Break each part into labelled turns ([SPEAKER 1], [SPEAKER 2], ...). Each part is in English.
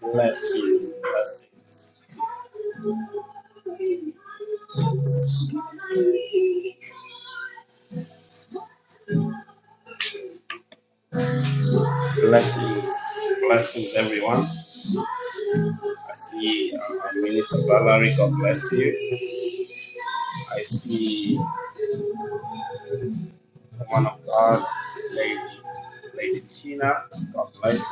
[SPEAKER 1] Blessings, blessings, blessings, blessings, everyone. I see uh, Minister Valerie, God bless. I see the woman of God, Lady, Lady Tina, God bless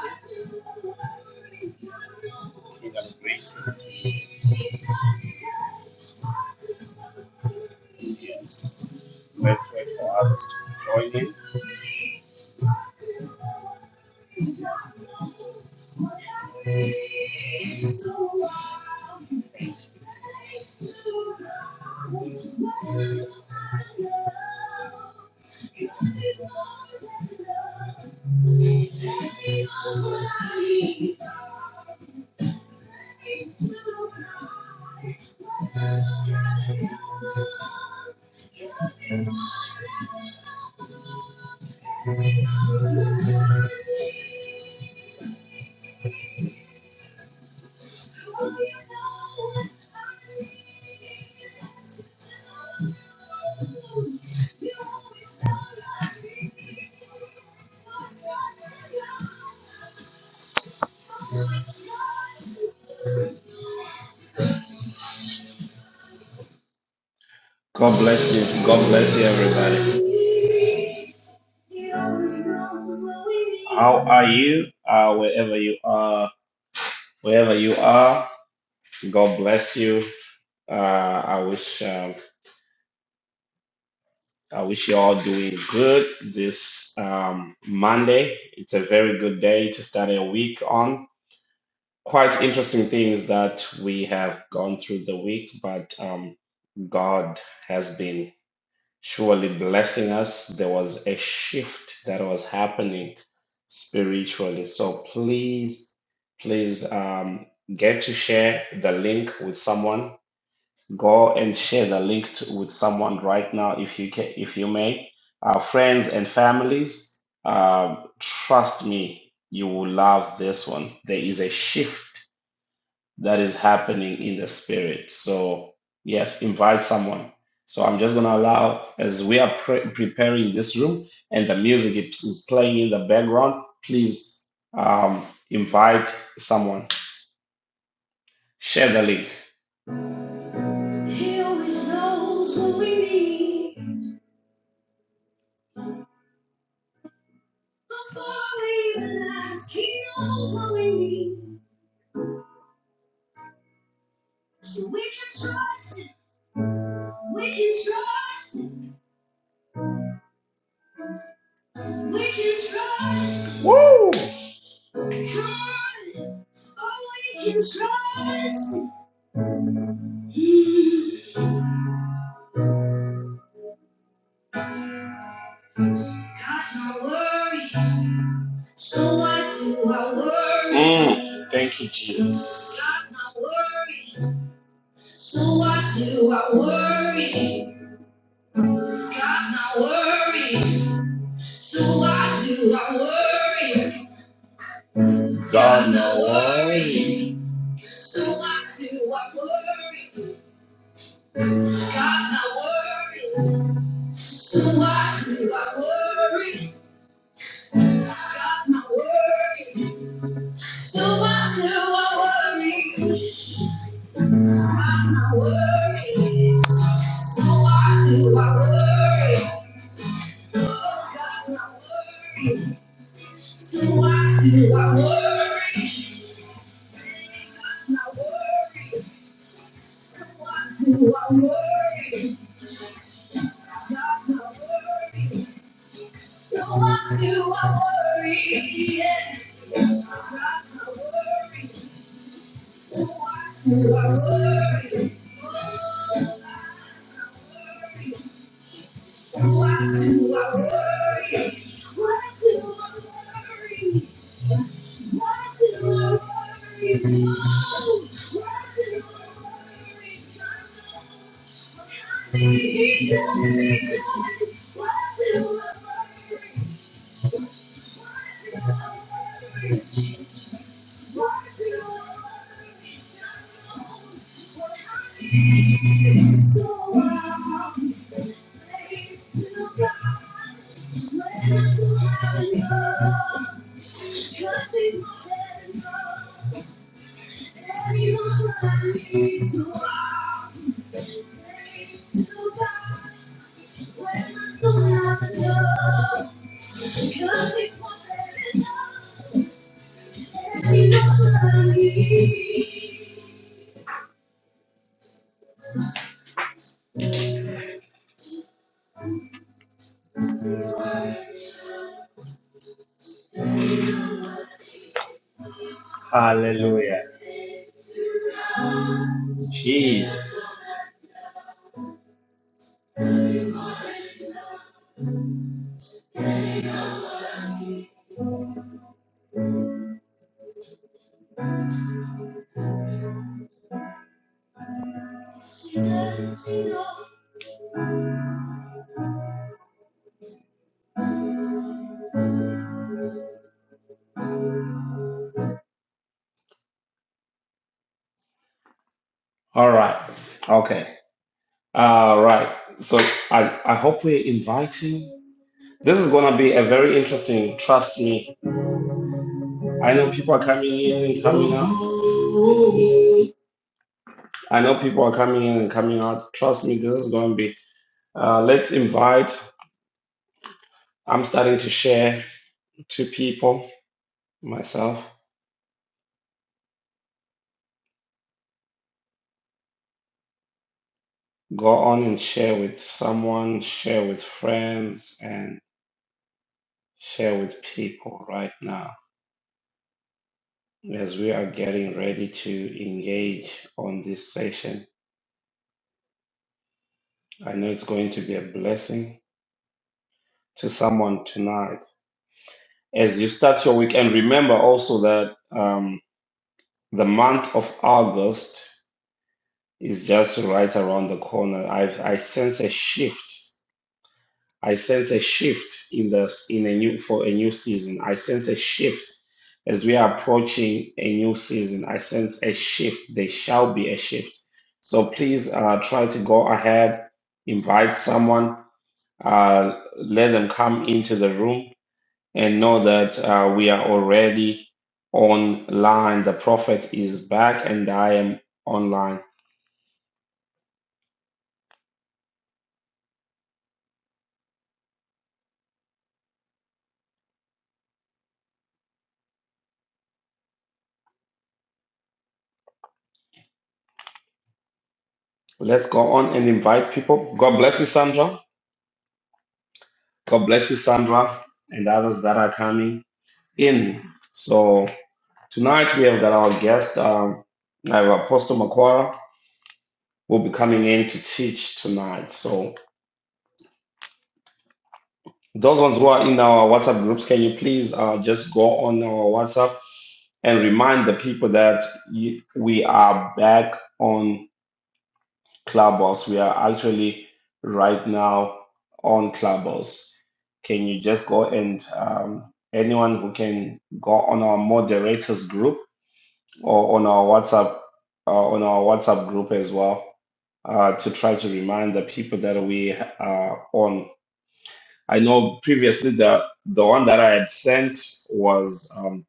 [SPEAKER 1] you and greetings for joining. God bless you, God bless you, everybody. How are you? Uh, wherever you are, wherever you are, God bless you. Uh, I wish um, I wish you all doing good this um, Monday. It's a very good day to start a week on. Quite interesting things that we have gone through the week, but um, God has been surely blessing us. There was a shift that was happening spiritually. So please, please um, get to share the link with someone go and share the link to, with someone right now if you can, if you may. Our friends and families, uh, trust me, you will love this one. There is a shift that is happening in the spirit. So yes, invite someone. So I'm just gonna allow as we are pre- preparing this room and the music is is playing in the background. Please um, invite someone. Share the link. Mm, Thank you, Jesus. God. Hallelujah. Jesus. All right. Okay. All right. So I, I hope we're inviting. This is going to be a very interesting, trust me. I know people are coming in and coming out. I know people are coming in and coming out. Trust me, this is going to be. Uh, let's invite. I'm starting to share to people, myself. Go on and share with someone, share with friends, and share with people right now. As we are getting ready to engage on this session, I know it's going to be a blessing to someone tonight. As you start your weekend, remember also that um, the month of August is just right around the corner. I've, I sense a shift I sense a shift in this in a new for a new season. I sense a shift as we are approaching a new season. I sense a shift. There shall be a shift. So please uh, try to go ahead, invite someone, uh, let them come into the room, and know that uh, we are already online. The prophet is back, and I am online. Let's go on and invite people. God bless you, Sandra. God bless you, Sandra, and others that are coming in. So tonight we have got our guest, um, I have Apostle Macquarie, will be coming in to teach tonight. So Those ones who are in our WhatsApp groups, can you please uh, just go on our WhatsApp and remind the people that you, we are back on Clubhouse. We are actually right now on Clubhouse. Can you just go and um, anyone who can go on our moderators group or on our WhatsApp uh, on our WhatsApp group as well uh, to try to remind the people that we are on I know previously the the one that I had sent was um,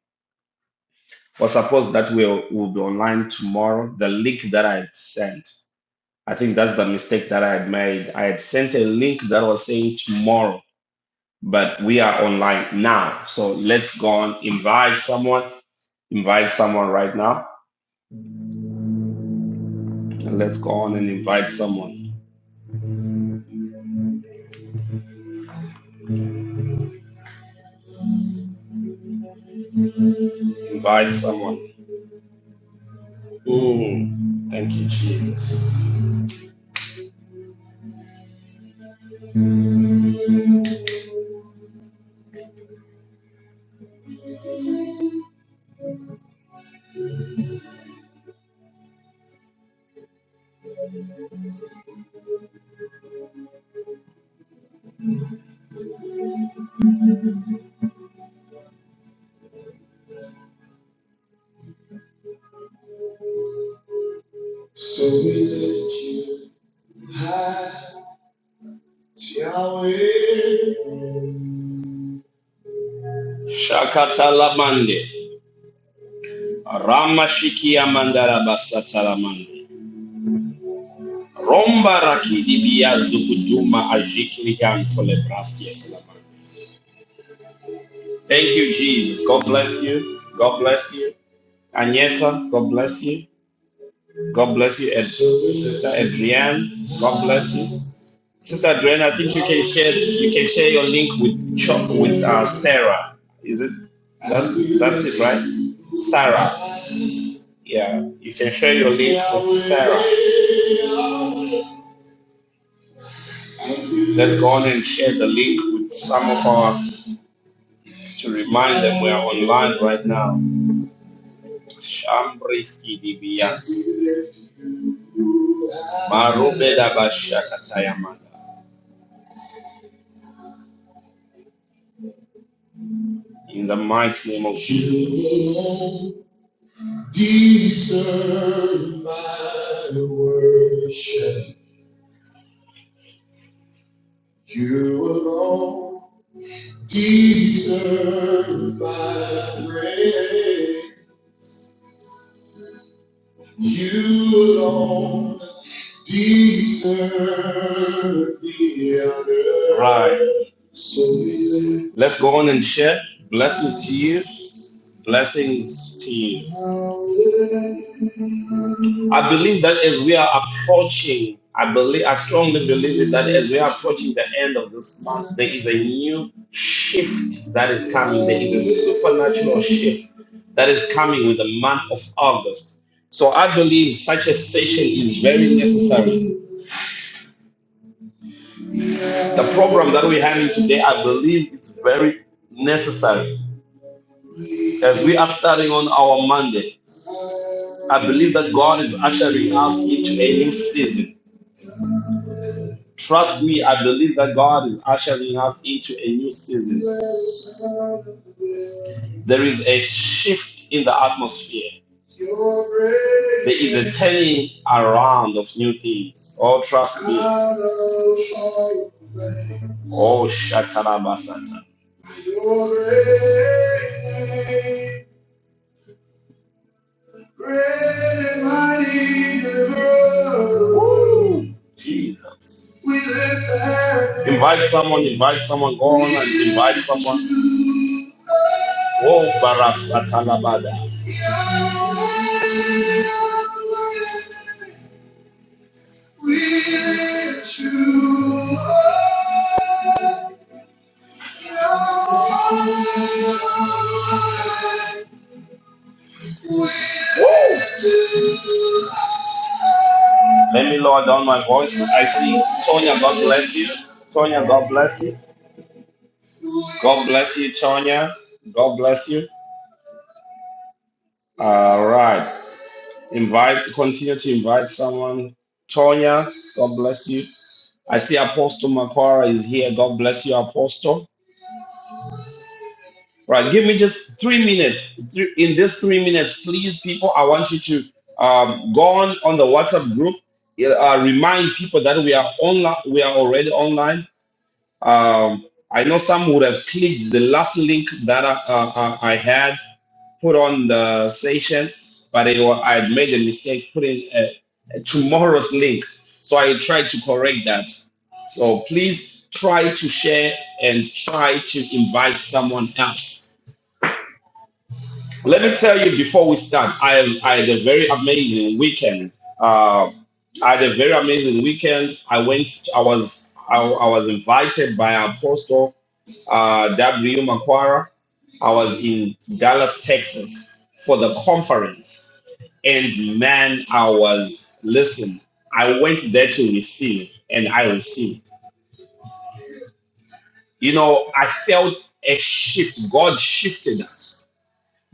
[SPEAKER 1] was supposed that will will be online tomorrow. The link that I had sent, I think that's the mistake that I had made. I had sent a link that was saying tomorrow, but we are online now. So let's go on invite someone. Invite someone right now. And let's go on and invite someone. Invite someone. Ooh, thank you, Jesus. So we lift you high. Shakatalamande. Ramashikia mandarabasatalama. Romba rakidibia zukuduma ajikilian tolebraskies lamandes. Thank you, Jesus. God bless you. God bless you. Agneta, God bless you. God bless you, Ed- Sister Adrienne. God bless you. Sister Adrienne, I think you can share you can share your link with Chuck with uh, Sarah. Is it that's that's it, right? Sarah. Yeah, you can share your link with Sarah. Let's go on and share the link with some of our to remind them we are online right now. Shambriski Dibians. Marube Dabashakatayamada. In the mighty name of Jesus. Deserve my worship. You alone deserve my praise. You alone deserve the honor. Right. So Let's go on and share. Blessings to you. Blessings to you. I believe that as we are approaching, I believe, I strongly believe that as we are approaching the end of this month, there is a new shift that is coming. There is a supernatural shift that is coming with the month of August. So I believe such a session is very necessary. The program that we're having today, I believe it's very necessary as we are starting on our Monday. I believe that God is ushering us into a new season. Trust me, I believe that God is ushering us into a new season. There is a shift in the atmosphere. There is a turning around of new things. Oh, trust me. Oh, Shatarabasata. Bread and mighty deliverer. Woo! Jesus. We lift the Invite someone, invite someone, go on and invite someone. Oh, Barasatalabada. We lift you up. We lift you up. Let me lower down my voice. I see Tonya, God bless you. Tonya, God bless you. God bless you, Tonya. God bless you. All right. Invite, continue to invite someone. Tonya, God bless you. I see Apostle Makwara is here. God bless you, Apostle. Right, give me just three minutes. Three- In these three minutes, please, people, I want you to um, go on on the WhatsApp group. Uh, remind people that we are online. We are already online Um, I know some would have clicked the last link that I, uh, uh, I had put on the session, but it was, I had made a mistake putting a, a tomorrow's link. So I tried to correct that. So please try to share and try to invite someone else. Let me tell you before we start, I, I had a very amazing weekend. Uh, I had a very amazing weekend. I went, I was, I, I was invited by Apostle uh, W. Maquara. I was in Dallas, Texas for the conference. And man, I was, listen, I went there to receive and I received. You know, I felt a shift. God shifted us.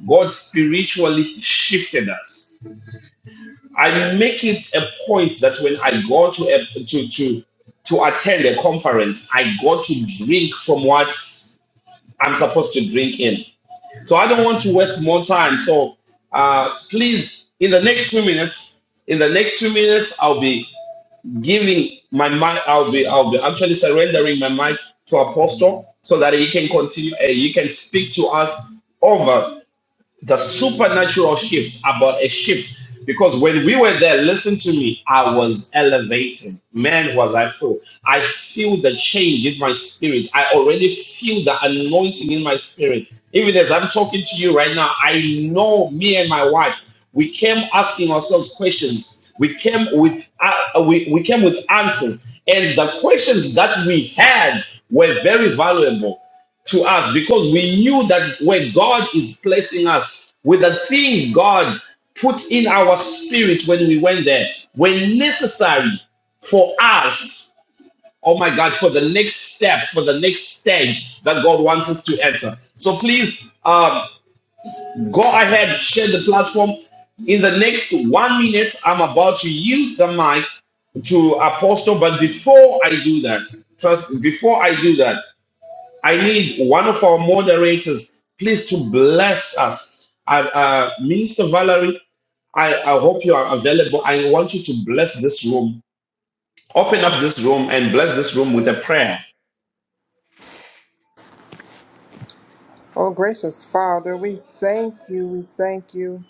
[SPEAKER 1] God spiritually shifted us. I make it a point that when I go to a, to to to attend a conference, I got to drink from what I'm supposed to drink in. So I don't want to waste more time. So uh, please, in the next two minutes, in the next two minutes, I'll be giving my mic. I'll be I'll be actually surrendering my mic to Apostle so that he can continue. Uh, he can speak to us over the supernatural shift about a shift because when we were there listen to me i was elevated man was i full i feel the change in my spirit i already feel the anointing in my spirit even as i'm talking to you right now i know me and my wife we came asking ourselves questions we came with uh, we, we came with answers and the questions that we had were very valuable to us because we knew that where God is placing us with the things God put in our spirit when we went there were necessary for us. Oh my God, for the next step, for the next stage that God wants us to enter. So please um, go ahead, share the platform. In the next one minute, I'm about to yield the mic to Apostle. But before I do that, trust before I do that, I need one of our moderators, please, to bless us. Uh, uh, Minister Valerie, I, I hope you are available. I want you to bless this room. Open up this room and bless this room with a prayer.
[SPEAKER 2] Oh, gracious Father, we thank you, we thank you.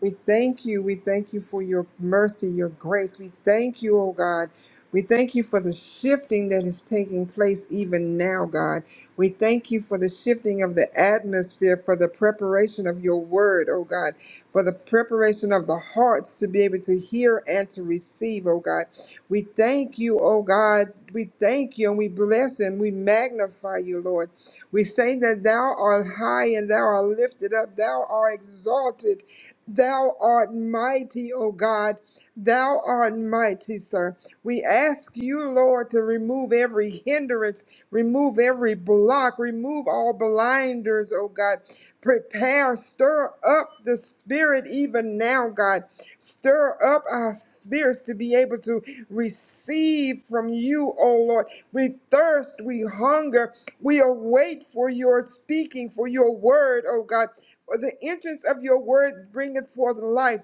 [SPEAKER 2] We thank you, we thank you for your mercy, your grace. We thank you, oh God. We thank you for the shifting that is taking place even now, God. We thank you for the shifting of the atmosphere, for the preparation of your word, oh God, for the preparation of the hearts to be able to hear and to receive, oh God. We thank you, oh God. We thank you and we bless and we magnify you, Lord. We say that thou art high and thou art lifted up, thou art exalted, thou art mighty, O God, thou art mighty, sir. We ask you, Lord, to remove every hindrance, remove every block, remove all blinders, O God. Prepare, stir up the spirit even now, God. Stir up our spirits to be able to receive from you, O Lord. We thirst, we hunger, we await for your speaking, for your word, O God. For the entrance of your word bringeth forth life.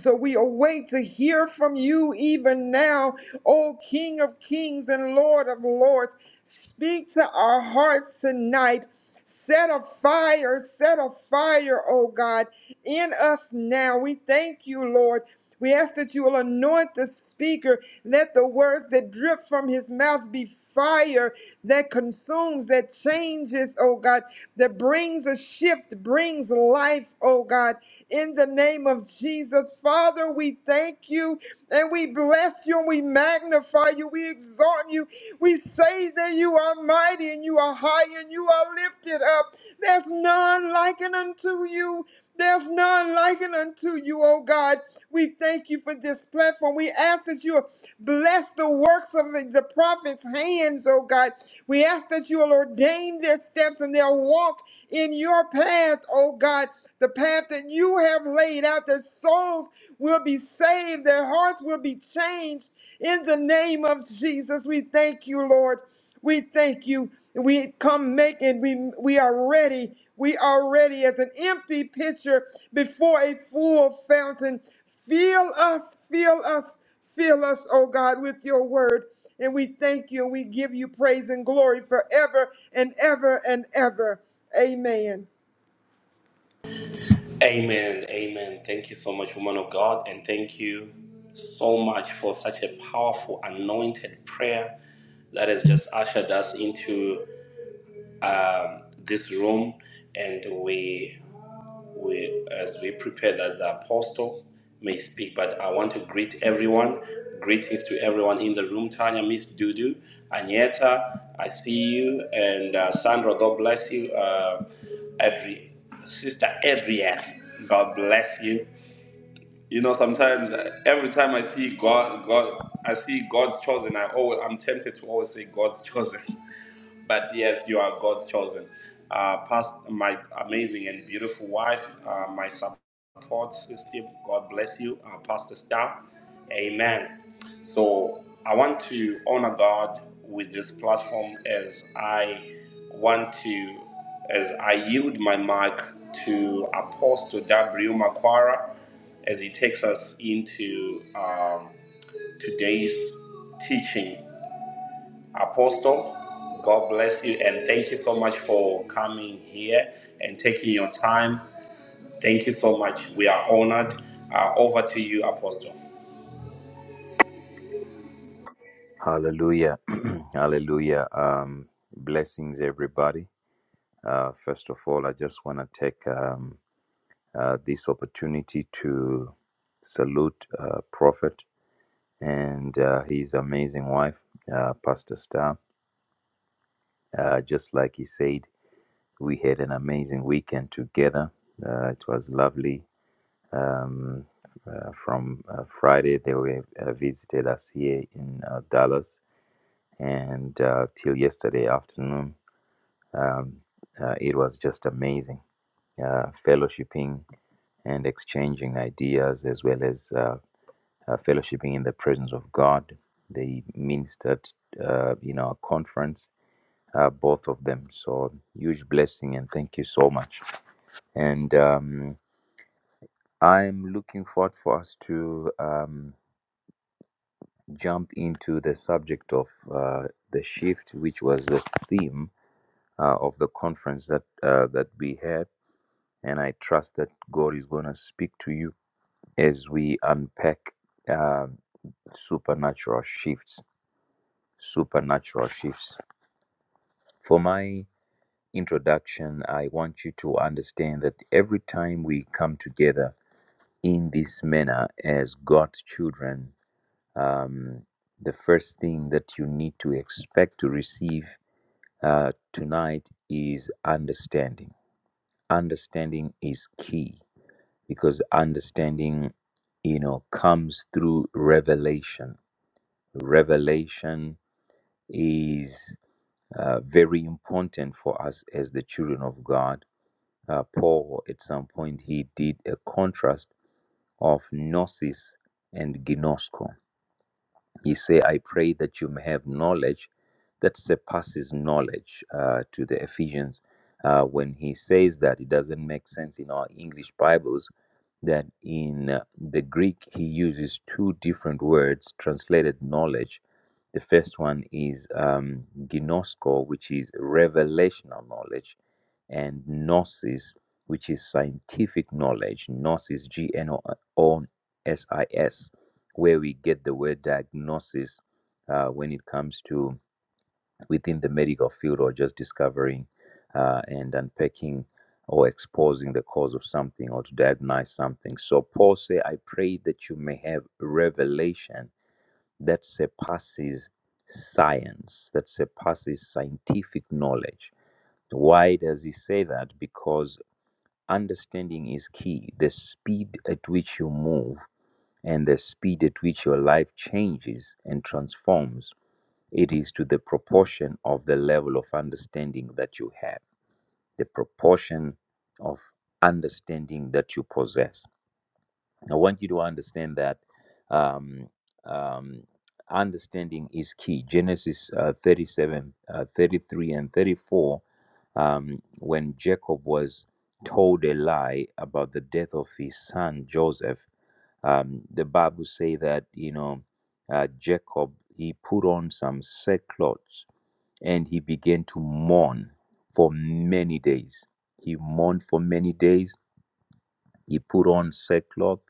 [SPEAKER 2] So we await to hear from you even now, O King of Kings and Lord of Lords. Speak to our hearts tonight. Set a fire, set a fire, O God, in us now. We thank you, Lord. We ask that you will anoint the speaker. Let the words that drip from his mouth be fire that consumes, that changes, oh God, that brings a shift, brings life, oh God. In the name of Jesus, Father, we thank you and we bless you and we magnify you. We exalt you. We say that you are mighty and you are high and you are lifted up. There's none likened unto you. There's none like it unto you, O God. We thank you for this platform. We ask that you bless the works of the, the prophet's hands, O God. We ask that you will ordain their steps and they'll walk in your path, O God, the path that you have laid out, that souls will be saved, their hearts will be changed in the name of Jesus. We thank you, Lord. We thank you. We come making, we, we are ready. We are ready as an empty pitcher before a full fountain. Fill us, fill us, fill us, oh God, with your word. And we thank you and we give you praise and glory forever and ever and ever. Amen.
[SPEAKER 1] Amen. Amen. Thank you so much, woman of God, and thank you so much for such a answered prayer. so may one do. Anyeta. I see you, and uh, Sandra, God bless you. Uh, Adri, Sister Adrian, God bless you. You know. every time I see God, God, I see God's chosen. I always, I'm tempted to always say God's chosen. But yes, you are God's chosen. Uh, past my amazing and beautiful wife, uh, my support system. God bless you, uh, Pastor Star. Amen. So I want to honor God with this platform as I want to, as I yield my mic to Apostle W. Macquarie as he takes us into. um, today's teaching. Apostle, God bless you and thank you so much for coming here and taking your time. Thank you so much. We are honored. Uh, over to you, Apostle.
[SPEAKER 3] Hallelujah. Hallelujah. Um, blessings, everybody. Uh, first of all, I just want to take um, uh, this opportunity to salute uh, Prophet and uh, his amazing wife, uh, Pastor Star. Uh, just like he said, we had an amazing weekend together. Uh, it was lovely. Um, uh, from uh, Friday, they were, uh, visited us here in uh, Dallas, and uh, till yesterday afternoon Um, uh, it was just amazing, uh, fellowshipping and exchanging ideas as well as uh, uh, fellowshipping in the presence of God. They ministered uh, in our conference, uh, both of them. So huge blessing and thank you so much. And um, I'm looking forward for us to um, jump into the subject of uh, the shift, which was the theme uh, of the conference that uh, that we had. and I trust that God is going to speak to you as we unpack uh, supernatural shifts. Supernatural shifts. For my introduction, I want you to understand that every time we come together in this manner as God's children, um, the first thing that you need to expect to receive uh, tonight is understanding. Understanding is key because understanding you know comes through revelation revelation is uh, very important for us as the children of god uh, paul at some point he did a contrast of gnosis and gnosko he say, I pray that you may have knowledge that surpasses knowledge uh, to the Ephesians. Uh, when he says that, it doesn't make sense in our English Bibles that in uh, the Greek he uses two different words translated knowledge. The first one is um, ginosko, which is revelational knowledge, and gnosis, which is scientific knowledge. Gnosis, G N O S I S where we get the word diagnosis uh, when it comes to within the medical field or just discovering uh, and unpacking or exposing the cause of something or to diagnose something. So Paul said, I pray that you may have revelation that surpasses science, that surpasses scientific knowledge. Why does he say that? Because understanding is key. The speed at which you move and the speed at which your life changes and transforms, it is to the proportion of the level of understanding that you have, the proportion of understanding that you possess. I want you to understand that um, um, understanding is key. Genesis uh, 37, uh, 33, and 34, um, when Jacob was told a lie about the death of his son Joseph um, the Bible say that you know uh, Jacob he put on some sackcloth and he began to mourn for many days. He mourned for many days. He put on sackcloth,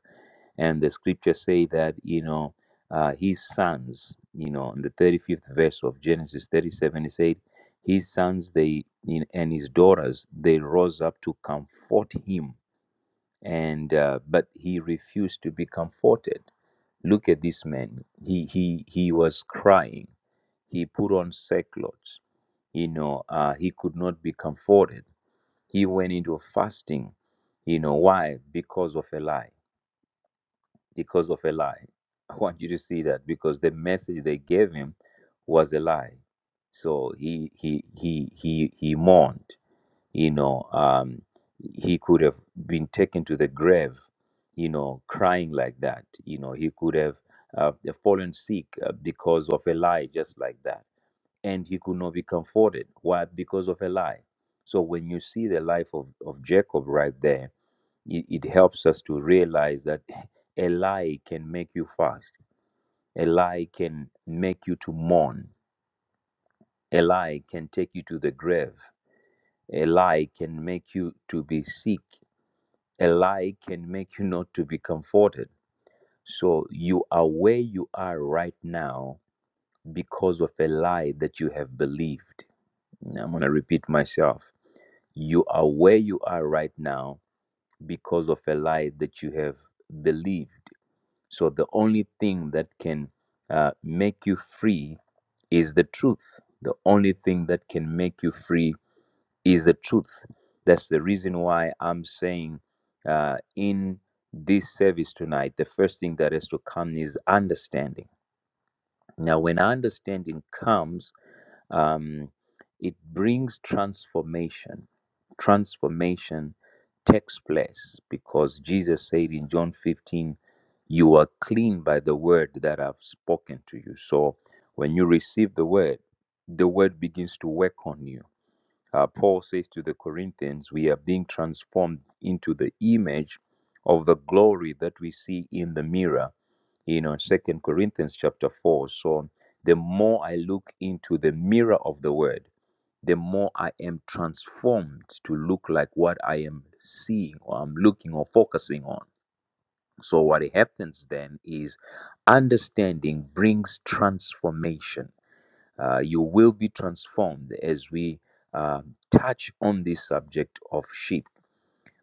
[SPEAKER 3] and the scripture say that you know uh, his sons, you know, in the thirty fifth verse of Genesis thirty seven, it said his sons they in, and his daughters they rose up to comfort him and uh, but he refused to be comforted look at this man he he he was crying he put on sackcloth you know uh, he could not be comforted he went into fasting you know why because of a lie because of a lie i want you to see that because the message they gave him was a lie so he he he he he mourned you know um, he could have been taken to the grave you know crying like that you know he could have uh, fallen sick uh, because of a lie just like that and he could not be comforted why because of a lie so when you see the life of, of jacob right there it, it helps us to realize that a lie can make you fast a lie can make you to mourn a lie can take you to the grave a lie can make you to be sick a lie can make you not to be comforted. So you are where you are right now because of a lie that you have believed. I'm going to repeat myself. You are where you are right now because of a lie that you have believed. So the only thing that can uh, make you free is the truth. The only thing that can make you free is the truth. That's the reason why I'm saying uh, in this service tonight, the first thing that has to come is understanding. Now, when understanding comes, um, it brings transformation. Transformation takes place because Jesus said in John 15, You are clean by the word that I've spoken to you. So when you receive the word, the word begins to work on you uh, Paul says to the Corinthians, we are being transformed into the image of the glory that we see in the mirror. You know, Second Corinthians chapter four. So the more I look into the mirror of the Word, the more I am transformed to look like what I am seeing or I'm looking or focusing on. So what happens then is understanding brings transformation uh, you will be transformed as we uh, touch on this subject of sheep.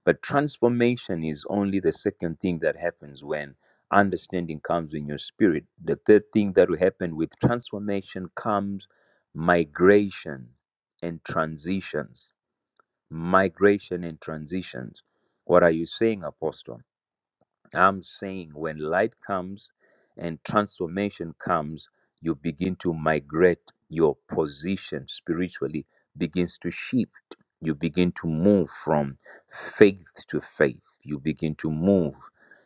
[SPEAKER 3] But transformation is only the second thing that happens when understanding comes in your spirit. The third thing that will happen with transformation comes migration and transitions. Migration and transitions. What are you saying, Apostle? I'm saying when light comes and transformation comes, you begin to migrate your position spiritually, begins to shift. You begin to move from faith to faith. You begin to move,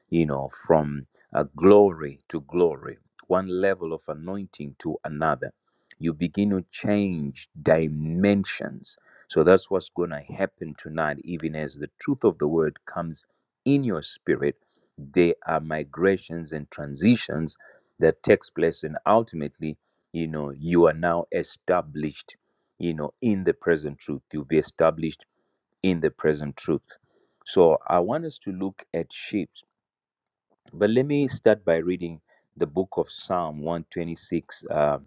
[SPEAKER 3] you know, from uh, glory to glory, one level of anointing to another. You begin to change dimensions. So that's what's going to happen tonight, even as the truth of the word comes in your spirit they are migrations and transitions that takes place, and ultimately, you know, you are now established, you know, in the present truth. You'll be established in the present truth. So I want us to look at sheep. But let me start by reading the book of Psalm 126, uh,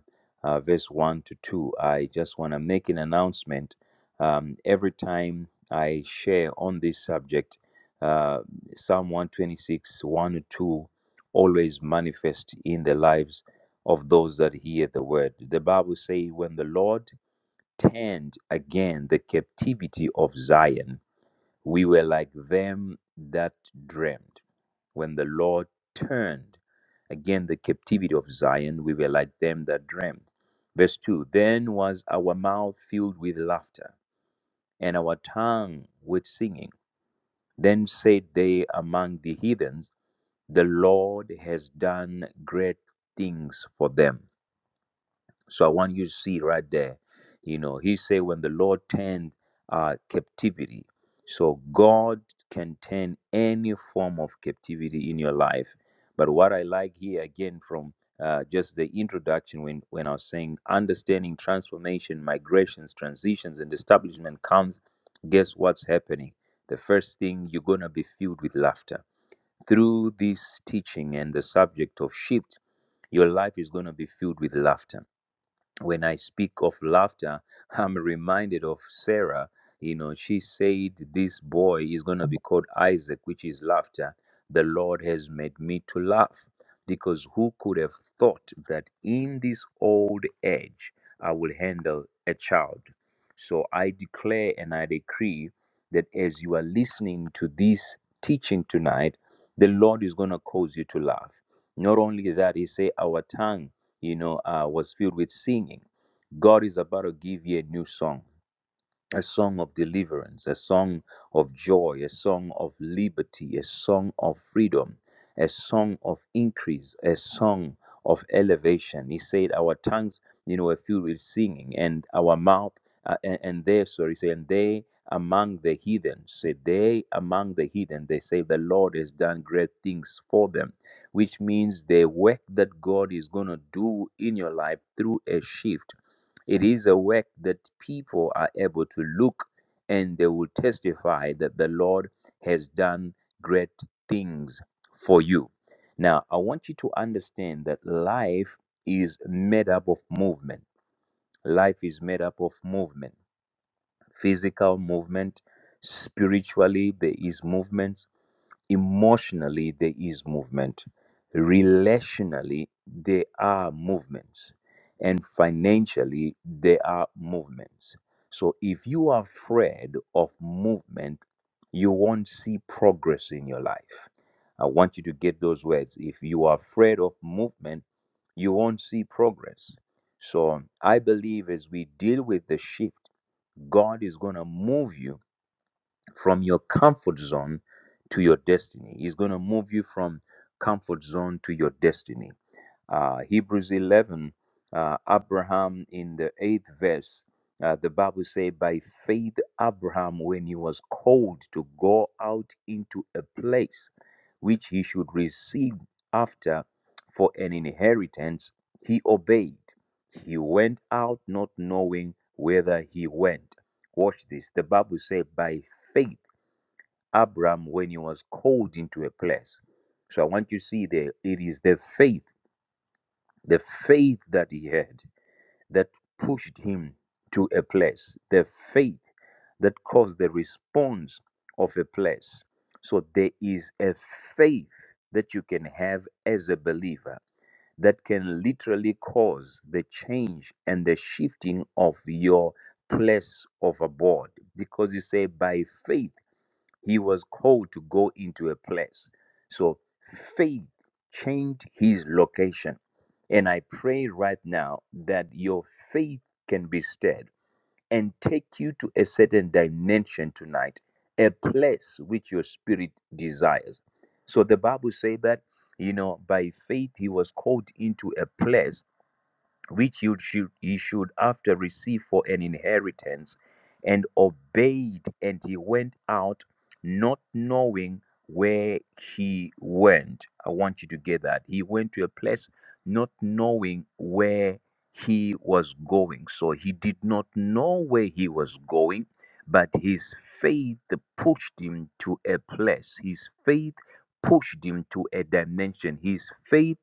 [SPEAKER 3] uh, verse 1 to 2. I just want to make an announcement. Um, every time I share on this subject, uh, Psalm 126, 1 to 2 always manifest in the lives of those that hear the word. The Bible says, When the Lord turned again the captivity of Zion, we were like them that dreamed. When the Lord turned again the captivity of Zion, we were like them that dreamed. Verse 2 Then was our mouth filled with laughter, and our tongue with singing. Then said they among the heathens, The Lord has done great things for them so I want you to see right there. You know, he said when the Lord turned uh, captivity. So God can turn any form of captivity in your life. But what I like here again from uh, just the introduction when, when I was saying understanding transformation, migrations, transitions, and establishment comes, guess what's happening? The first thing you're going to be filled with laughter. Through this teaching and the subject of shift, your life is going to be filled with laughter when I speak of laughter, I'm reminded of Sarah. You know, she said, This boy is going to be called Isaac, which is laughter. The Lord has made me to laugh. Because who could have thought that in this old age I will handle a child? So I declare and I decree that as you are listening to this teaching tonight, the Lord is going to cause you to laugh. Not only that, He say our tongue, you know, uh, was filled with singing. God is about to give you a new song a song of deliverance, a song of joy, a song of liberty, a song of freedom, a song of increase, a song of elevation. He said, Our tongues, you know, are filled with singing, and our mouth, uh, and, and they, sorry, say, and they among the heathen, say, they among the heathen, they say, The Lord has done great things for them, which means the work that God is going to do in your life through a shift it is a work that people are able to look and they will testify that the Lord has done great things for you. Now, I want you to understand that life is made up of movement. Life is made up of movement, physical movement, spiritually, there is movement, Emotionally, there is movement. Relationally, there are movements. And financially, there are movements. So if you are afraid of movement, you won't see progress in your life. I want you to get those words. If you are afraid of movement, you won't see progress. So I believe as we deal with the shift, God is going to move you from your comfort zone to your destiny. He's going to move you from comfort zone to your destiny. Uh, Hebrews 11, uh, Abraham in the eighth verse, uh, the Bible says, By faith, Abraham, when he was called to go out into a place which he should receive after for an inheritance, he obeyed. He went out not knowing whither he went Watch this. The Bible said, by faith, Abraham, when he was called into a place. So I want you to see there, it is the faith, the faith that he had that pushed him to a place, the faith that caused the response of a place. So there is a faith that you can have as a believer that can literally cause the change and the shifting of your place of abode. Because you say by faith, he was called to go into a place. So faith changed his location. And I pray right now that your faith can be stirred and take you to a certain dimension tonight, a place which your spirit desires. So the Bible say that you know by faith he was called into a place which you should, ye should after receive for an inheritance, and obeyed, and he went out, not knowing where he went. I want you to get that. He went to a place not knowing where he was going. So he did not know where he was going, but his faith pushed him to a place. His faith pushed him to a dimension. His faith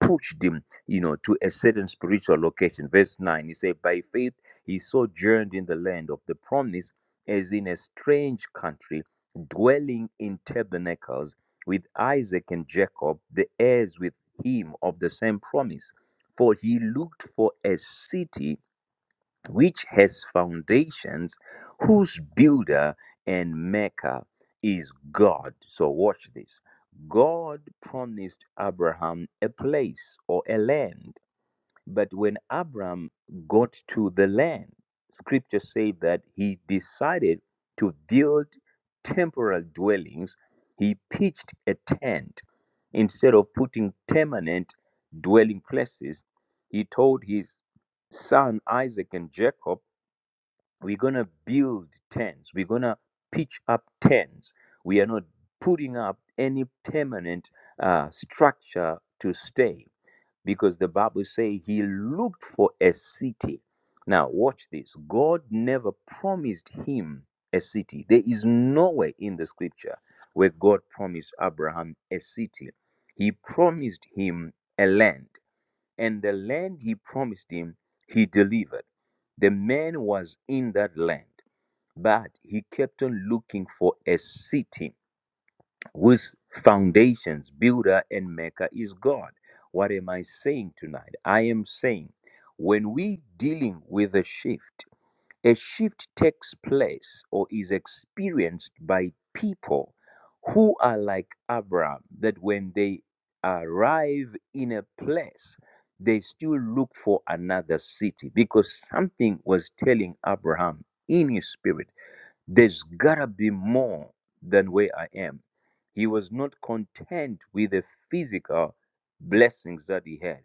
[SPEAKER 3] pushed him, you know, to a certain spiritual location. Verse 9, he said, By faith he sojourned in the land of the promise as in a strange country, dwelling in tabernacles with Isaac and Jacob, the heirs with him of the same promise. For he looked for a city which has foundations, whose builder and maker is God. So, watch this. God promised Abraham a place or a land. But when Abram got to the land, scripture says that he decided to build temporal dwellings. He pitched a tent instead of putting permanent dwelling places. He told his son Isaac and Jacob, We're going to build tents, we're going to pitch up tents. We are not putting up any permanent uh, structure to stay because the bible says he looked for a city now watch this god never promised him a city there is nowhere in the scripture where god promised abraham a city he promised him a land and the land he promised him he delivered the man was in that land but he kept on looking for a city whose foundations, builder, and maker is God. What am I saying tonight? I am saying when we dealing with a shift, a shift takes place or is experienced by people who are like Abraham, that when they arrive in a place, they still look for another city because something was telling Abraham in his spirit there's gotta be more than where I am. He was not content with the physical blessings that he had.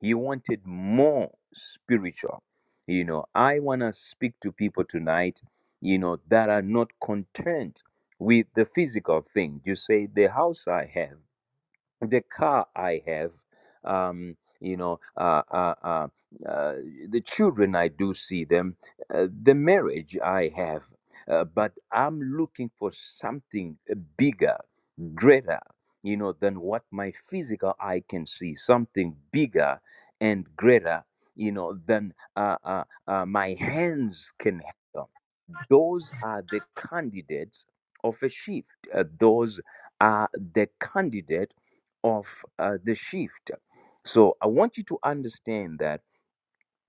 [SPEAKER 3] He wanted more spiritual. You know, I want to speak to people tonight, you know, that are not content with the physical thing. You say, the house I have the car I have, um, you know, uh, uh, uh, uh, the children I do see them, uh, the marriage I have, uh, but I'm looking for something uh, bigger, greater, you know, than what my physical eye can see, something bigger and greater, you know, than uh, uh, uh, my hands can handle those are the candidates of a shift. Uh, those are the candidate of uh, the shift. So I want you to understand that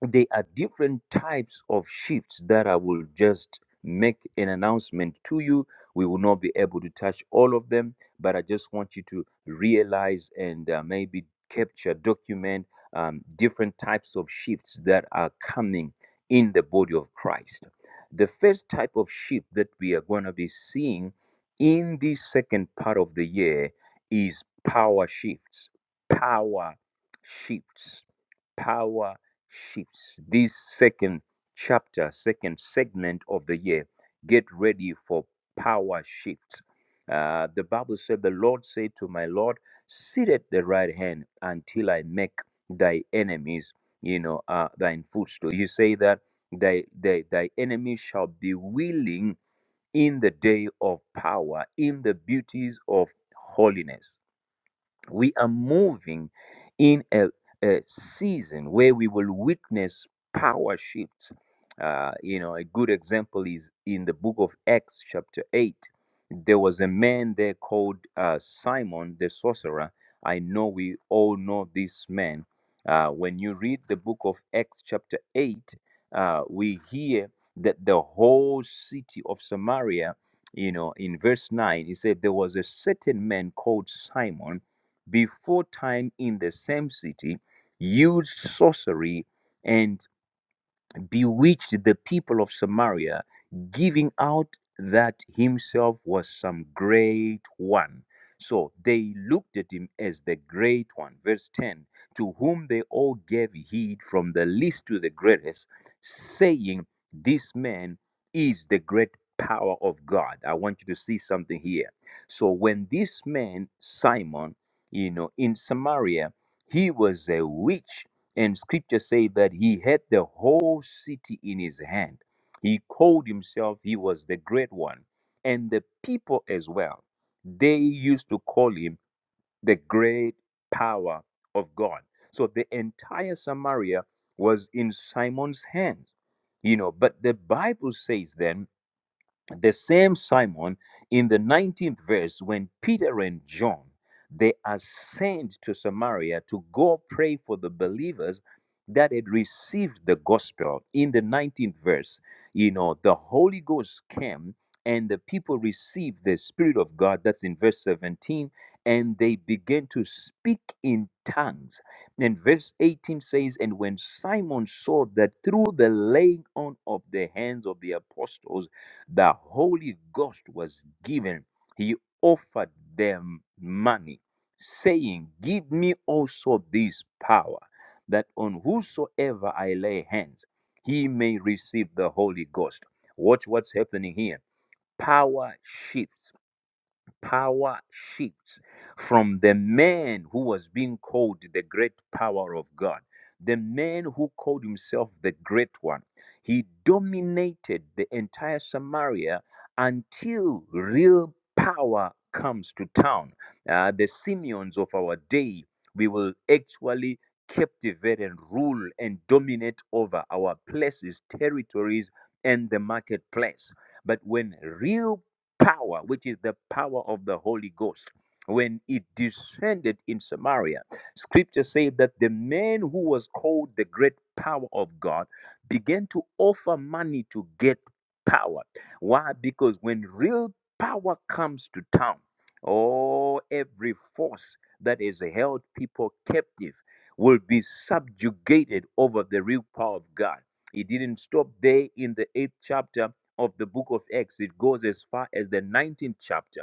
[SPEAKER 3] there are different types of shifts that I will just make an announcement to you. We will not be able to touch all of them, but I just want you to realize and uh, maybe capture, document um, different types of shifts that are coming in the body of Christ. The first type of shift that we are going to be seeing in this second part of the year is power shifts. Power shifts power shifts. This second chapter, second segment of the year, get ready for power shifts. Uh, the Bible said, The Lord said to my Lord, Sit at the right hand until I make thy enemies, you know, uh, thine footstool. You say that thy, thy, thy enemies shall be willing in the day of power, in the beauties of holiness we are moving in a, a season where we will witness power shifts. Uh, you know, a good example is in the book of Acts, chapter 8. There was a man there called uh, Simon the sorcerer. I know we all know this man. Uh, when you read the book of Acts, chapter 8, uh, we hear that the whole city of Samaria, you know, in verse 9, he said, There was a certain man called Simon before time in the same city, used sorcery, and bewitched the people of Samaria, giving out that himself was some great one. So they looked at him as the great one. Verse 10 To whom they all gave heed, from the least to the greatest, saying, This man is the great power of God. I want you to see something here. So when this man, Simon, you know, in Samaria, he was a witch and scripture say that he had the whole city in his hand. He called himself, he was the great one. And the people as well, they used to call him the great power of God. So the entire Samaria was in Simon's hands. You know, but the Bible says then the same Simon in the 19th verse, when Peter and John they are sent to Samaria to go pray for the believers that had received the gospel. In the 19th verse, you know, the Holy Ghost came and the people received the Spirit of God. That's in verse 17. And they began to speak in tongues. And verse 18 says, And when Simon saw that through the laying on of the hands of the apostles, the Holy Ghost was given, he offered them money, saying, Give me also this power, that on whosoever I lay hands, he may receive the Holy Ghost. Watch what's happening here. Power shifts power shifts from the man who was being called the great power of God, the man who called himself the great one. He dominated the entire Samaria until real power comes to town. Uh, the Simeons of our day, we will actually captivate and rule and dominate over our places, territories, and the marketplace. But when real power, which is the power of the Holy Ghost. When it descended in Samaria, scripture says that the man who was called the great power of God began to offer money to get power. Why? Because when real power comes to town, oh, every force that has held people captive will be subjugated over the real power of God. It didn't stop there in the eighth chapter of the book of Acts, it goes as far as the 19th chapter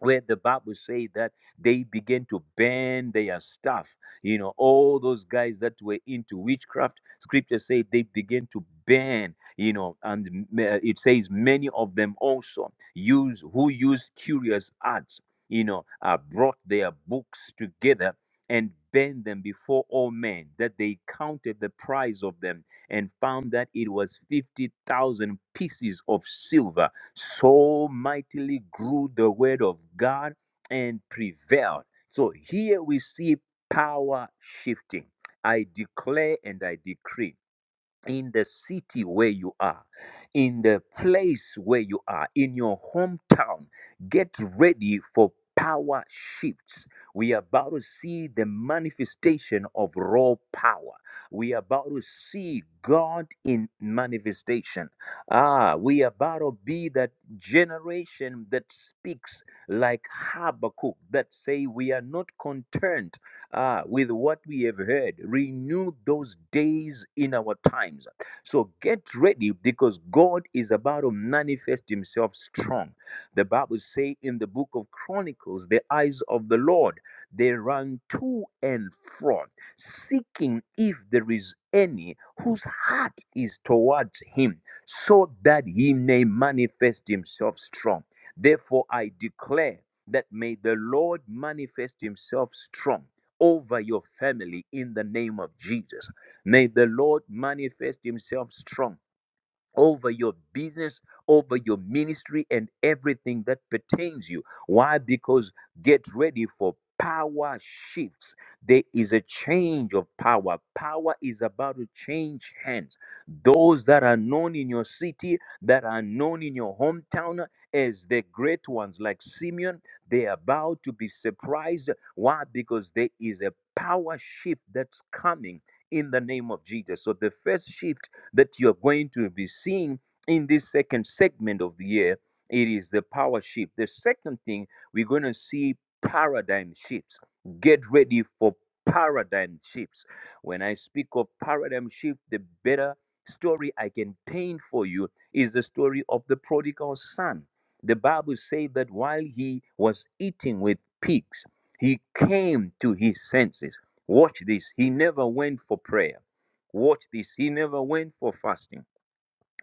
[SPEAKER 3] where the Bible say that they began to burn their stuff. You know, all those guys that were into witchcraft, scripture say they began to burn, you know, and uh, it says many of them also use who use curious arts, you know, uh, brought their books together and burned them before all men that they counted the price of them and found that it was 50,000 pieces of silver so mightily grew the word of God and prevailed. So here we see power shifting. I declare and I decree in the city where you are, in the place where you are, in your hometown, get ready for power shifts. We are about to see the manifestation of raw power. We are about to see God in manifestation. Ah, we are about to be that generation that speaks like Habakkuk, that say we are not concerned uh, with what we have heard. Renew those days in our times. So get ready because God is about to manifest himself strong. The Bible say in the book of Chronicles, the eyes of the Lord, they run to and fro, seeking if there is any whose heart is towards him, so that he may manifest himself strong. Therefore, I declare that may the Lord manifest himself strong over your family in the name of Jesus. May the Lord manifest himself strong over your business, over your ministry, and everything that pertains you. Why? Because get ready for power shifts. There is a change of power. Power is about to change hands. Those that are known in your city, that are known in your hometown as the great ones like Simeon, they are about to be surprised. Why? Because there is a power shift that's coming in the name of Jesus. So the first shift that you are going to be seeing in this second segment of the year. It is the power shift. The second thing, we're going to see paradigm shifts. Get ready for paradigm shifts. When I speak of paradigm shift, the better story I can paint for you is the story of the prodigal son. The Bible says that while he was eating with pigs, he came to his senses. Watch this. He never went for prayer. Watch this. He never went for fasting.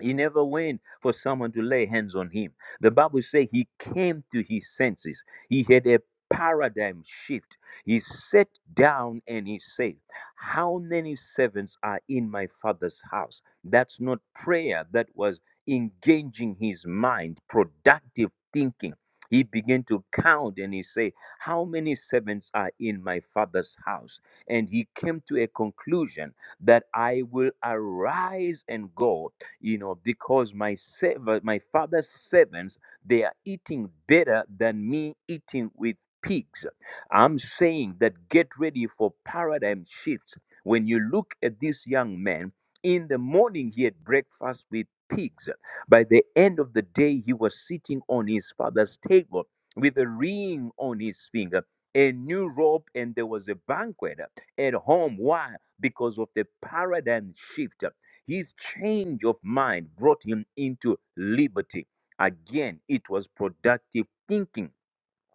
[SPEAKER 3] He never went for someone to lay hands on him. The Bible says he came to his senses. He had a paradigm shift. He sat down and he said, How many servants are in my father's house? That's not prayer. That was engaging his mind, productive thinking. He began to count and he said, How many servants are in my father's house? And he came to a conclusion that I will arise and go you know, because my serv- my father's servants they are eating better than me eating with pigs. I'm saying that get ready for paradigm shifts. When you look at this young man, in the morning he had breakfast with pigs. By the end of the day, he was sitting on his father's table with a ring on his finger, a new robe, and there was a banquet at home. Why? Because of the paradigm shift. His change of mind brought him into liberty. Again, it was productive thinking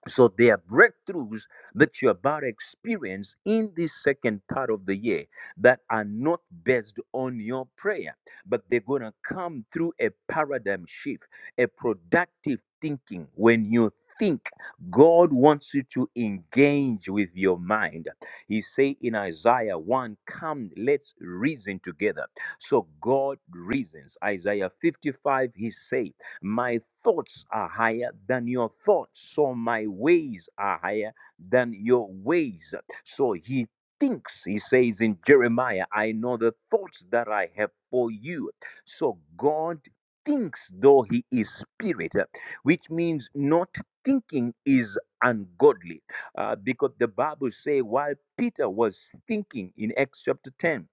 [SPEAKER 3] so there are breakthroughs that you're about to experience in this second part of the year that are not based on your prayer, but they're going to come through a paradigm shift, a productive thinking. When you think, God wants you to engage with your mind. He say in Isaiah 1, come, let's reason together. So God reasons. Isaiah 55, he says. My thoughts are higher than your thoughts, so my ways are higher than your ways. So he thinks, he says in Jeremiah, I know the thoughts that I have for you. So God thinks, though he is spirit, uh, which means not thinking is ungodly. Uh, because the Bible say while Peter was thinking in Acts chapter 10,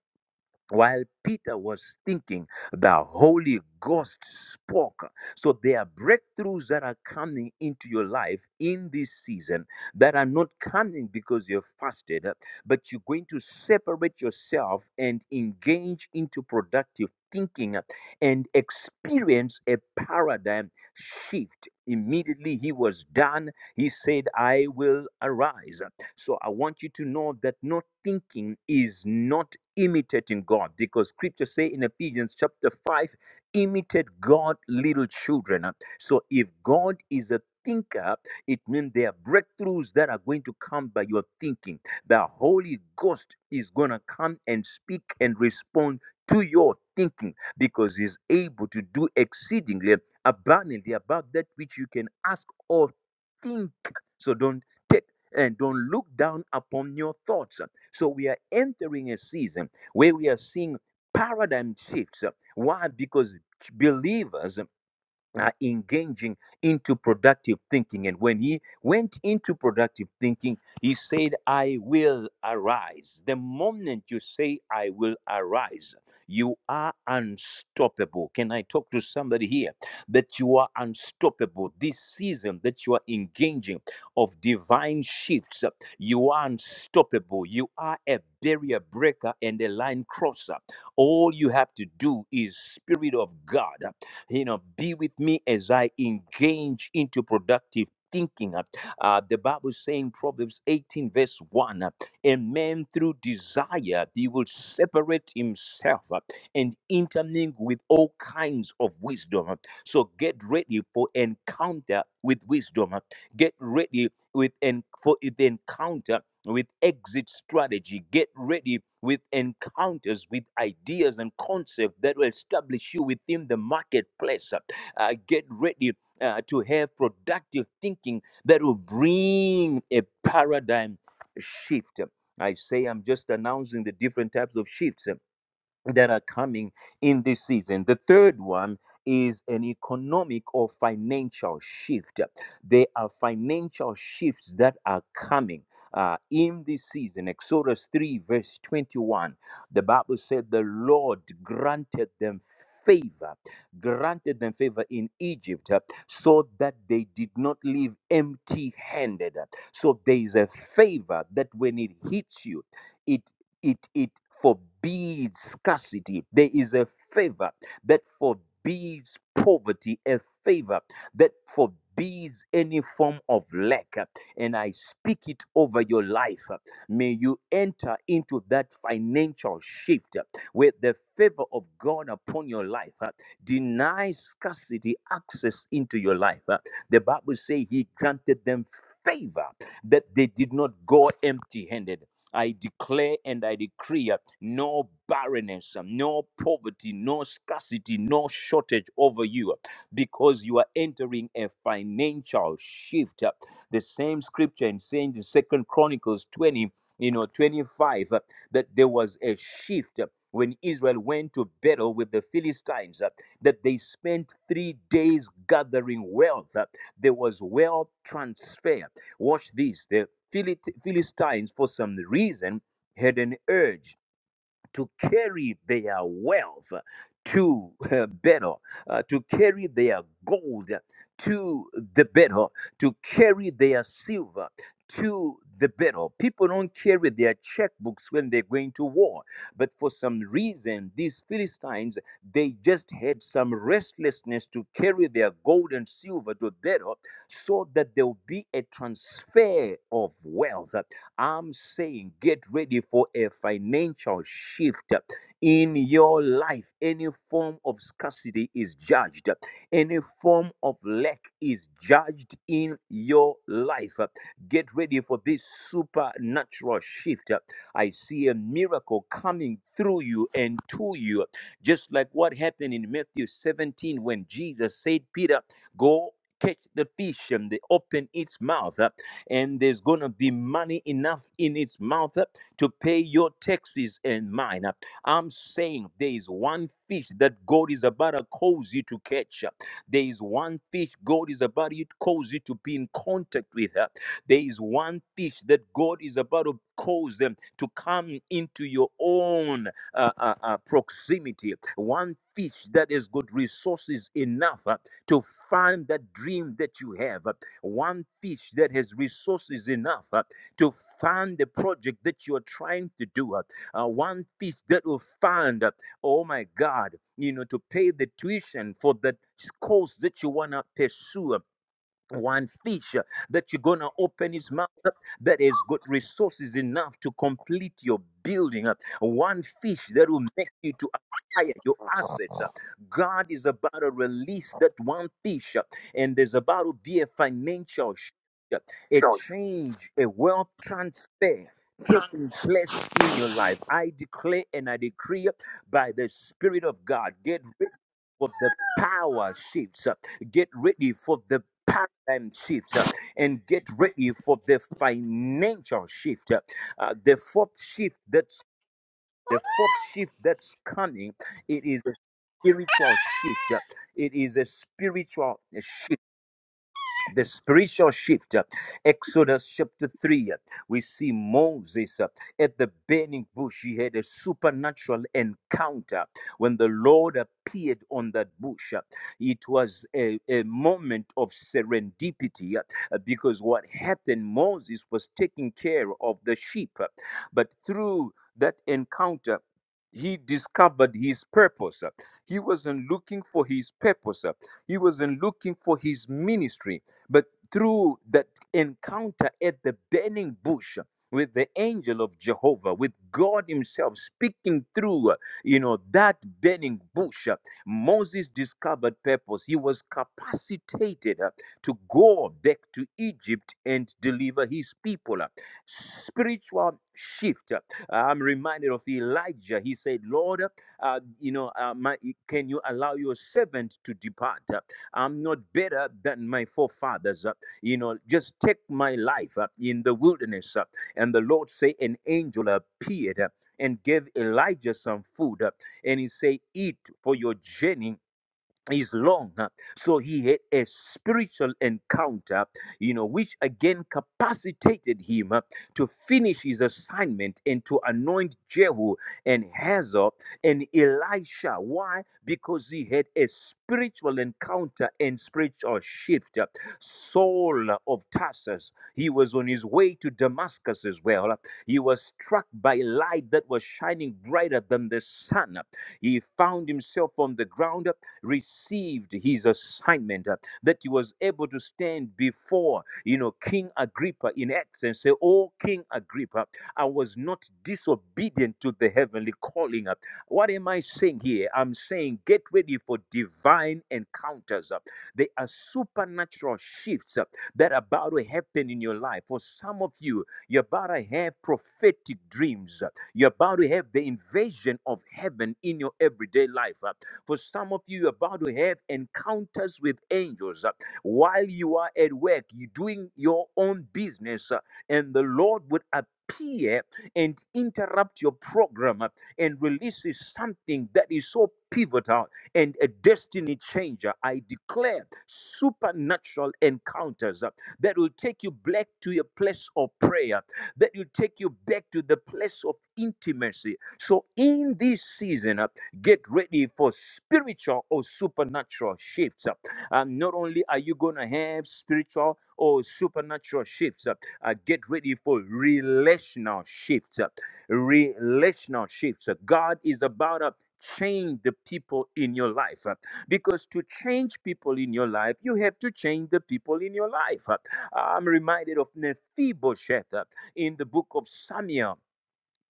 [SPEAKER 3] while Peter was thinking, the Holy Ghost spoke. So there are breakthroughs that are coming into your life in this season that are not coming because you've fasted, but you're going to separate yourself and engage into productive thinking and experience a paradigm shift. Immediately he was done, he said, I will arise. So I want you to know that not thinking is not imitating God because scripture say in Ephesians chapter 5 imitate God little children. So if God is a thinker, it means there are breakthroughs that are going to come by your thinking. The Holy Ghost is going to come and speak and respond to your thinking because he's able to do exceedingly abundantly above that which you can ask or think. So don't take and don't look down upon your thoughts. So we are entering a season where we are seeing paradigm shifts. Why? Because believers uh, engaging into productive thinking and when he went into productive thinking he said i will arise the moment you say i will arise you are unstoppable can i talk to somebody here that you are unstoppable this season that you are engaging of divine shifts uh, you are unstoppable you are a barrier breaker and a line crosser all you have to do is spirit of god you know, be with me as I engage into productive thinking. Uh, uh, the Bible is saying Proverbs 18, verse 1 uh, A man through desire, he will separate himself uh, and intermingle with all kinds of wisdom. uh. So get ready for encounter with wisdom. uh. Get ready with and for the encounter with exit strategy. Get ready with encounters with ideas and concepts that will establish you within the marketplace. Uh, get ready uh, to have productive thinking that will bring a paradigm shift. I say I'm just announcing the different types of shifts that are coming in this season. The third one is an economic or financial shift. There are financial shifts that are coming. uh, in this season, Exodus 3, verse 21, the Bible said the Lord granted them favor, granted them favor in Egypt uh, so that they did not leave empty handed. So there is a favor that when it hits you, it it it forbids scarcity there is a favor that forbids poverty a favor that forbids any form of lack and i speak it over your life may you enter into that financial shift where the favor of god upon your life denies scarcity access into your life the bible says he granted them favor that they did not go empty handed I declare and I decree uh, no barrenness, uh, no poverty, no scarcity, no shortage over you uh, because you are entering a financial shift. uh. The same scripture in saying in Second Chronicles 20, you know, 25, uh, that there was a shift uh, when Israel went to battle with the Philistines, uh, that they spent three days gathering wealth. uh. There was wealth transfer. Watch this. The Philistines, for some reason, had an urge to carry their wealth to uh, better, uh, to carry their gold to the better, to carry their silver to the better. People don't carry their checkbooks when they're going to war. But for some reason, these Philistines, they just had some restlessness to carry their gold and silver to better so that there will be a transfer of wealth. I'm saying get ready for a financial shift in your life. Any form of scarcity is judged, any form of lack is judged in your life. Get ready for this supernatural shift. I see a miracle coming through you and to you, just like what happened in Matthew 17 when Jesus said, Peter, go. Catch the fish and they open its mouth and there's going to be money enough in its mouth uh, to pay your taxes and mine. uh. I'm saying there is one fish that God is about to cause you to catch. uh. There is one fish God is about to cause you to be in contact with. uh. There is one fish that God is about to cause them to come into your own uh, uh, uh, proximity. One fish that has got resources enough uh, to find that dream that you have one fish that has resources enough uh, to fund the project that you are trying to do, uh, uh, one fish that will fund, uh, oh my God, you know, to pay the tuition for that course that you want to pursue, uh, one fish uh, that you're going to open his mouth up that has got resources enough to complete your building up one fish that will make you to acquire your assets god is about to release that one fish and there's about to be a financial shift uh, a
[SPEAKER 4] Show.
[SPEAKER 3] change a wealth transfer Taking place in your life, I declare and I decree uh, by the Spirit of God. Get for the power shifts. uh, Get ready for the paradigm shift uh, and get ready for the financial shift. uh, uh, the fourth shift that's the fourth shift that's coming. It is a spiritual shift. uh, It is a spiritual shift the spiritual shift. uh, Exodus chapter 3, uh, we see Moses uh, at the burning bush. He had a supernatural encounter when the Lord appeared on that bush. uh, It was a, a moment of serendipity uh, uh, because what happened, Moses was taking care of the sheep, uh, but through that encounter, he discovered his purpose. uh, He wasn't looking for his purpose. uh, He wasn't looking for his ministry but through that encounter at the burning bush with the angel of Jehovah, with God Himself speaking through, uh, you know, that burning bush, uh, Moses discovered purpose. He was capacitated uh, to go back to Egypt and deliver his people. uh. Spiritual shift. uh, I'm reminded of Elijah. He said, Lord, uh, you know, uh, my, can you allow your servant to depart? Uh, I'm not better than my forefathers. uh, You know, just take my life uh, in the wilderness. uh, And the Lord say, an angel appeared uh, and gave Elijah some food, uh, and he say, eat for your journey is long huh? so he had a spiritual encounter you know which again capacitated him uh, to finish his assignment and to anoint jehu and hazael and elisha why because he had a spiritual encounter and spiritual shift uh, saul of tarsus he was on his way to damascus as well he was struck by light that was shining brighter than the sun he found himself on the ground, received his assignment, that he was able to stand before, you know, King Agrippa in Acts and say, Oh, King Agrippa, I was not disobedient to the heavenly calling. What am I saying here? I'm saying get ready for divine encounters. There are supernatural shifts that are about to happen in your life. For some of you, you're about to have prophetic dreams. You're about to have the invasion of heaven in your everyday life. uh. For some of you, you're about to have encounters with angels uh, while you are at work, you're doing your own business, uh, and the Lord would appear and interrupt your program uh, and releases something that is so pivotal and a destiny changer. I declare supernatural encounters uh, that will take you back to your place of prayer that will take you back to the place of intimacy. So, in this season, uh, get ready for spiritual or supernatural shifts. uh. Um, not only are you going to have spiritual or supernatural shifts, uh, uh, get ready for relational shifts. uh, Relational shifts. Uh, God is about to change the people in your life uh, because to change people in your life, you have to change the people in your life. uh. I'm reminded of Mephibosheth. uh, in the book of Samuel.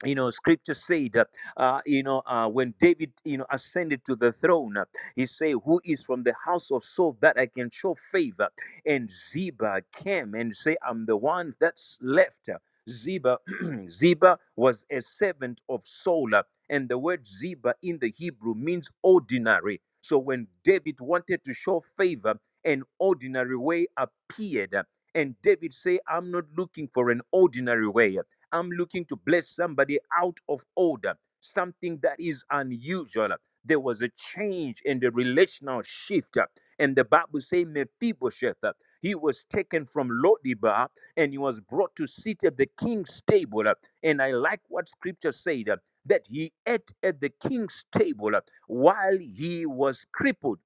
[SPEAKER 3] You know, scripture said, uh, uh, you know, uh, when David, you know, ascended to the throne, uh, he said, Who is from the house of Saul that I can show favor? And Ziba came and said, I'm the one that's left. Ziba, Ziba was a servant of Saul, uh, and the word Ziba in the Hebrew means ordinary. So when David wanted to show favor, an ordinary way appeared. uh, And David said, I'm not looking for an ordinary way. uh, I'm looking to bless somebody out of order, something that is unusual. There was a change in the relational shift. And the Bible says Mephibosheth, uh, he was taken from Lodibar and he was brought to sit at the king's table. uh, And I like what scripture said uh, that he ate at the king's table uh, while he was crippled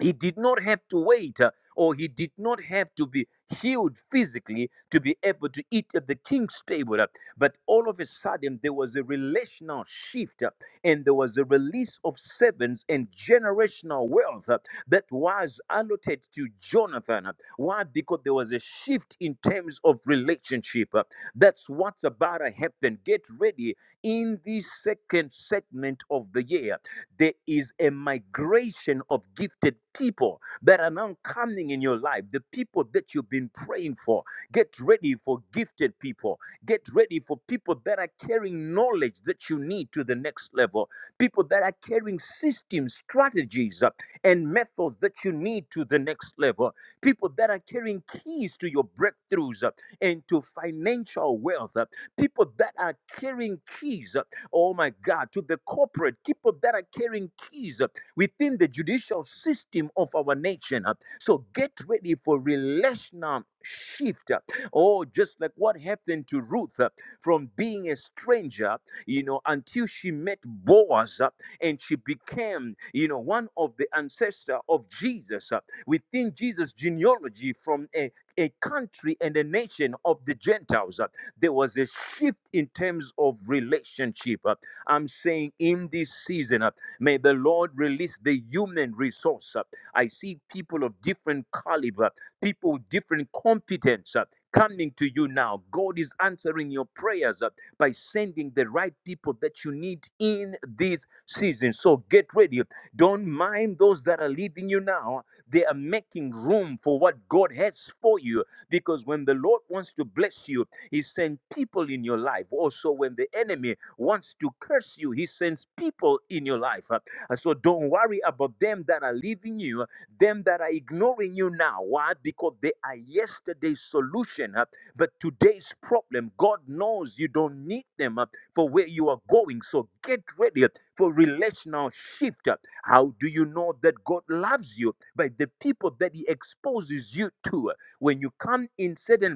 [SPEAKER 3] he did not have to wait uh, or he did not have to be healed physically to be able to eat at the king's table uh, but all of a sudden there was a relational shift uh, and there was a release of servants and generational wealth uh, that was allotted to jonathan uh, why because there was a shift in terms of relationship uh, that's what's about to happen get ready in the second segment of the year there is a migration of gifted people that are now coming in your life. The people that you've been praying for. Get ready for gifted people. Get ready for people that are carrying knowledge that you need to the next level. People that are carrying systems, strategies, uh, and methods that you need to the next level. People that are carrying keys to your breakthroughs uh, and to financial wealth. uh, people that are carrying keys. uh, oh my God, to the corporate, people that are carrying keys uh, within the judicial system of our nation. uh. So get ready for relational shift. uh. Oh, just like what happened to Ruth uh, from being a stranger, you know, until she met Boaz uh, and she became, you know, one of the ancestor of Jesus uh, within Jesus' genealogy from a a country and a nation of the Gentiles. uh there was a shift in terms of relationship. Uh, I'm saying in this season, uh, may the Lord release the human resource. uh. I see people of different caliber, people with different competence. uh, Coming to you now. God is answering your prayers uh, by sending the right people that you need in this season. So get ready. Don't mind those that are leaving you now. They are making room for what God has for you because when the Lord wants to bless you, he sends people in your life. Also, when the enemy wants to curse you, he sends people in your life. Uh, So don't worry about them that are leaving you, them that are ignoring you now. Why? Because they are yesterday's solution. uh, But today's problem, God knows you don't need them uh, for where you are going. So get ready uh, for relational shift. uh, how do you know that God loves you? By the people that He exposes you to. When you come in certain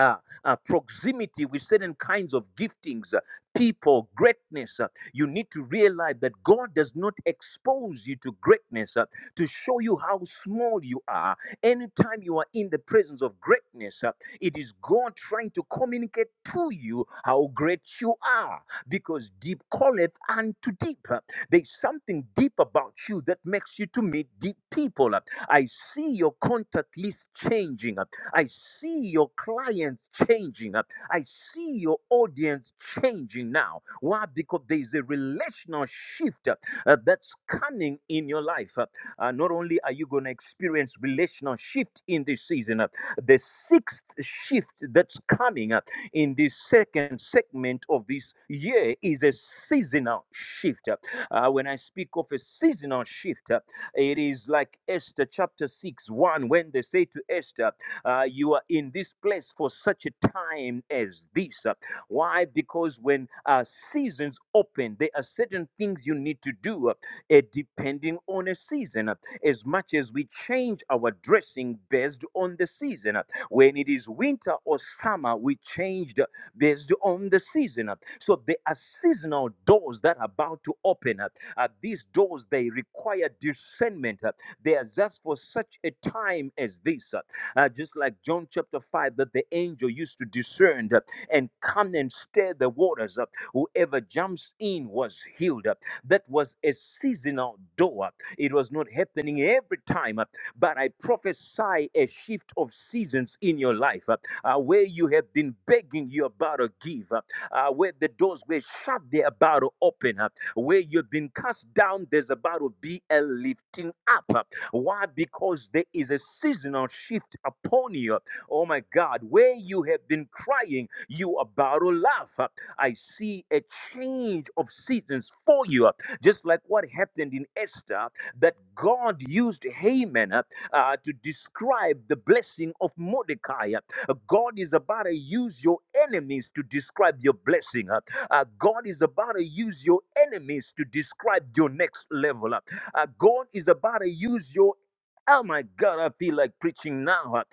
[SPEAKER 3] uh, uh, proximity with certain kinds of giftings, uh, people, greatness. uh, you need to realize that God does not expose you to greatness uh, to show you how small you are. Anytime you are in the presence of greatness, uh, it is God trying to communicate to you how great you are because deep calleth unto deep. uh, There's something deep about you that makes you to meet deep people. uh, I see your contact list changing. I see your clients changing. Uh, I see your audience changing now. Why? Because there is a relational shift uh, uh, that's coming in your life. Uh, uh, not only are you going to experience relational shift in this season, uh, the sixth shift that's coming uh, in this second segment of this year is a seasonal shift. Uh, uh, when I speak of a seasonal shift, uh, it is like Esther chapter 6 1, when they say to Esther, uh, you are in this place for such a time as this. Uh, Why? Because when uh, seasons open, there are certain things you need to do uh, eh, depending on a season. Uh, As much as we change our dressing based on the season, uh, when it is winter or summer, we changed uh, based on the season. uh. So there are seasonal doors that are about to open up. Uh, these doors they require discernment. uh. They are just for such a time as this. uh uh, just like John chapter 5, that the angel used to discern uh, and come and stir the waters up. Whoever jumps in was healed. uh, That was a seasonal door. It was not happening every time, uh, but I prophesy a shift of seasons in your life uh, uh, where you have been begging, you're about to give, uh, uh, where the doors were shut, they're about to open up, where you've been cast down, there's about to be a lifting up. uh, why? Because there is a seasonal shift upon you. Oh my God, where you have been crying, you are about to laugh. I see a change of seasons for you, just like what happened in Esther, that God used Haman uh, uh, to describe the blessing of Mordecai. Uh, God is about to use your enemies to describe your blessing. Uh, uh, God is about to use your enemies to describe your next level. Uh, God is about to use your Oh my God, I feel like preaching now. Uh,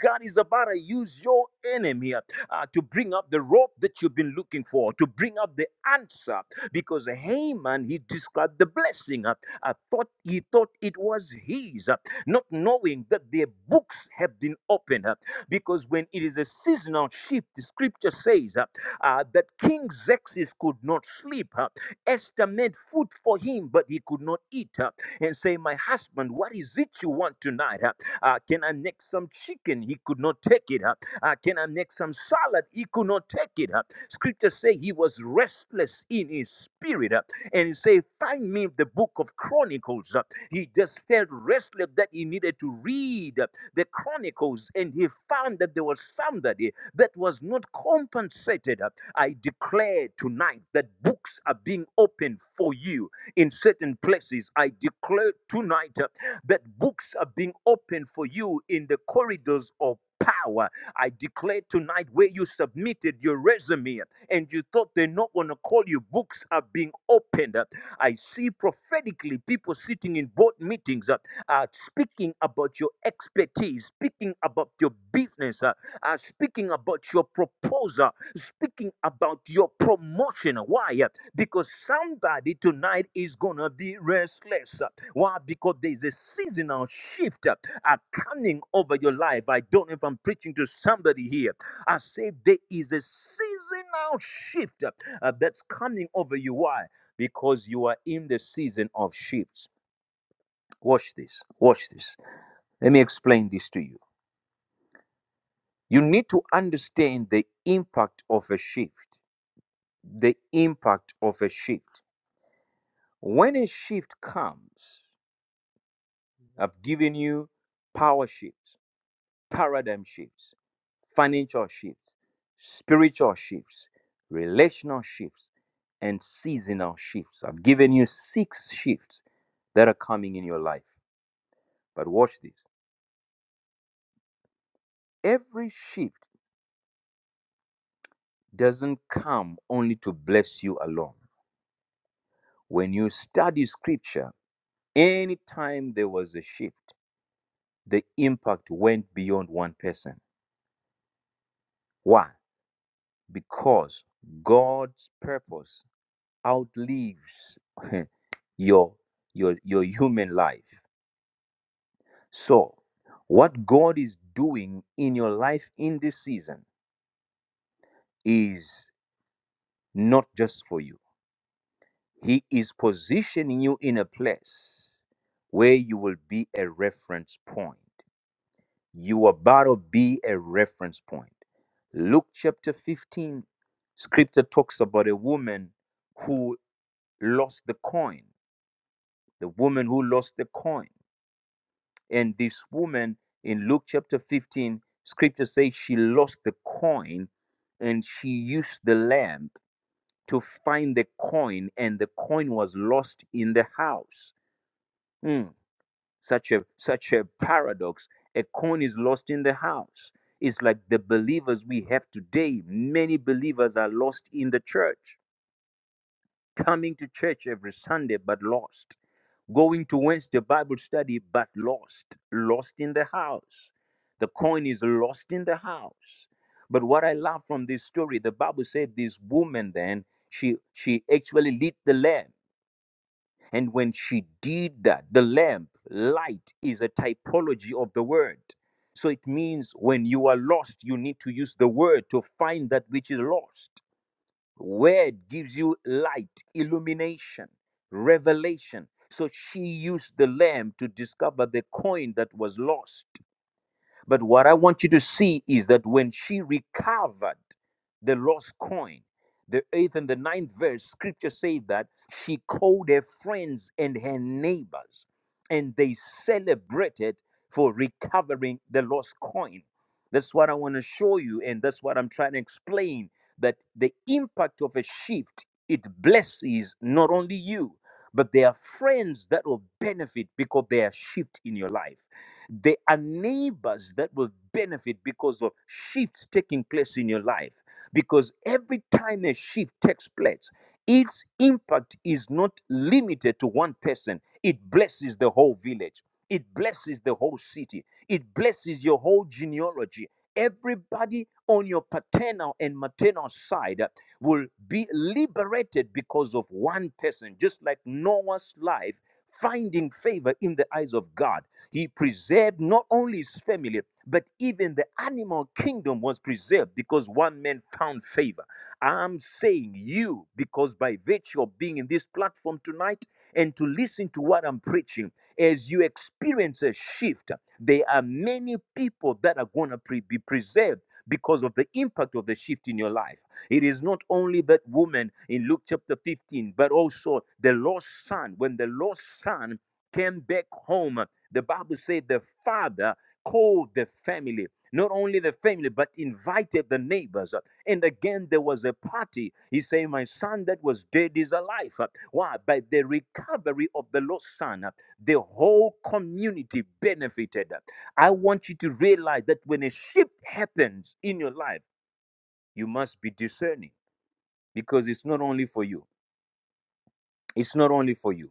[SPEAKER 3] God is about to use your enemy uh, uh, to bring up the rope that you've been looking for, to bring up the answer. Because Haman, he described the blessing. uh, uh, thought he thought it was his, uh, not knowing that their books have been opened. uh, Because when it is a seasonal shift, the scripture says uh, uh, that King Xerxes could not sleep. Uh, Esther made food for him, but he could not eat. uh, And say, My husband, what is it you want tonight? Uh, uh, can I make some chicken? He could not take it. Uh, uh, can I make some salad? He could not take it. Uh, scripture say he was restless in his spirit. Uh, and he say, Find me the book of Chronicles. Uh, he just felt restless that he needed to read uh, the Chronicles. And he found that there was somebody that was not compensated. uh, I declare tonight that books are being opened for you in certain places. I declare tonight uh, that books are being opened for you in the corridors of power. I declare tonight where you submitted your resume uh, and you thought they're not going to call you, books are being opened. uh. I see prophetically people sitting in board meetings uh, uh, speaking about your expertise, speaking about your business. uh, uh, speaking about your proposal, speaking about your promotion. Why? Because somebody tonight is going to be restless. Why? Because there's a seasonal shift uh, coming over your life. I don't know if I'm preaching to somebody here. I say there is a seasonal shift uh, that's coming over you. Why? Because you are in the season of shifts. Watch this. Watch this. Let me explain this to you. You need to understand the impact of a shift. The impact of a shift. When a shift comes, I've given you power shifts, paradigm shifts, financial shifts, spiritual shifts, relational shifts, and seasonal shifts. I've given you six shifts that are coming in your life. But watch this every shift doesn't come only to bless you alone. When you study scripture, Anytime there was a shift, the impact went beyond one person. Why? Because God's purpose outlives your, your, your human life. So, what God is doing in your life in this season is not just for you, He is positioning you in a place where you will be a reference point. You are about to be a reference point. Luke chapter 15, scripture talks about a woman who lost the coin, the woman who lost the coin. And this woman in Luke chapter 15, scripture says she lost the coin and she used the lamp to find the coin, and the coin was lost in the house. Mm. Such a such a paradox. A coin is lost in the house. It's like the believers we have today. Many believers are lost in the church, coming to church every Sunday but lost, going to Wednesday Bible study but lost, lost in the house. The coin is lost in the house. But what I love from this story, the Bible said this woman then she she actually lead the lamb. And when she did that, the lamp, light is a typology of the word. So it means when you are lost, you need to use the word to find that which is lost. Word gives you light, illumination, revelation. So she used the lamp to discover the coin that was lost. But what I want you to see is that when she recovered the lost coin, the eighth and the ninth verse, scripture says that she called her friends and her neighbors, and they celebrated for recovering the lost coin. That's what I want to show you, and that's what I'm trying to explain that the impact of a shift it blesses not only you but there are friends that will benefit because they are shift in your life there are neighbors that will benefit because of shifts taking place in your life. Because every time a shift takes place, its impact is not limited to one person, it blesses the whole village, it blesses the whole city, it blesses your whole genealogy. Everybody on your paternal and maternal side will be liberated because of one person, just like Noah's life finding favor in the eyes of God. He preserved not only his family, but even the animal kingdom was preserved because one man found favor. I'm saying you, because by virtue of being in this platform tonight and to listen to what I'm preaching, as you experience a shift, there are many people that are going to pre- be preserved because of the impact of the shift in your life. It is not only that woman in Luke chapter 15, but also the lost son. When the lost son came back home. The Bible said the father called the family, not only the family, but invited the neighbors. And again, there was a party. He said, My son that was dead is alive. Why? By the recovery of the lost son, the whole community benefited. I want you to realize that when a shift happens in your life, you must be discerning because it's not only for you. It's not only for you.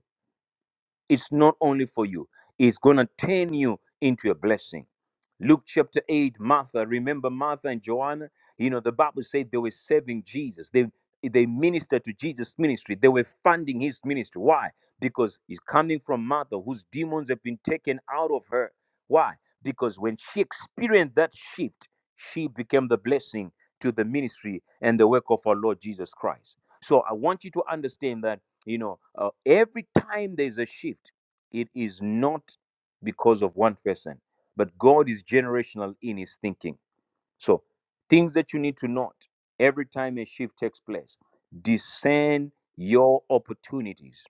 [SPEAKER 3] it's not only for you it's going to turn you into a blessing Luke chapter 8, Martha, remember Martha and Joanna? You know, the Bible said they were serving Jesus. They they ministered to Jesus' ministry. They were funding his ministry. Why? Because he's coming from Martha, whose demons have been taken out of her. Why? Because when she experienced that shift, she became the blessing to the ministry and the work of our Lord Jesus Christ. So I want you to understand that, you know, uh, every time there's a shift, it is not because of one person but God is generational in his thinking. So, things that you need to note every time a shift takes place discern your opportunities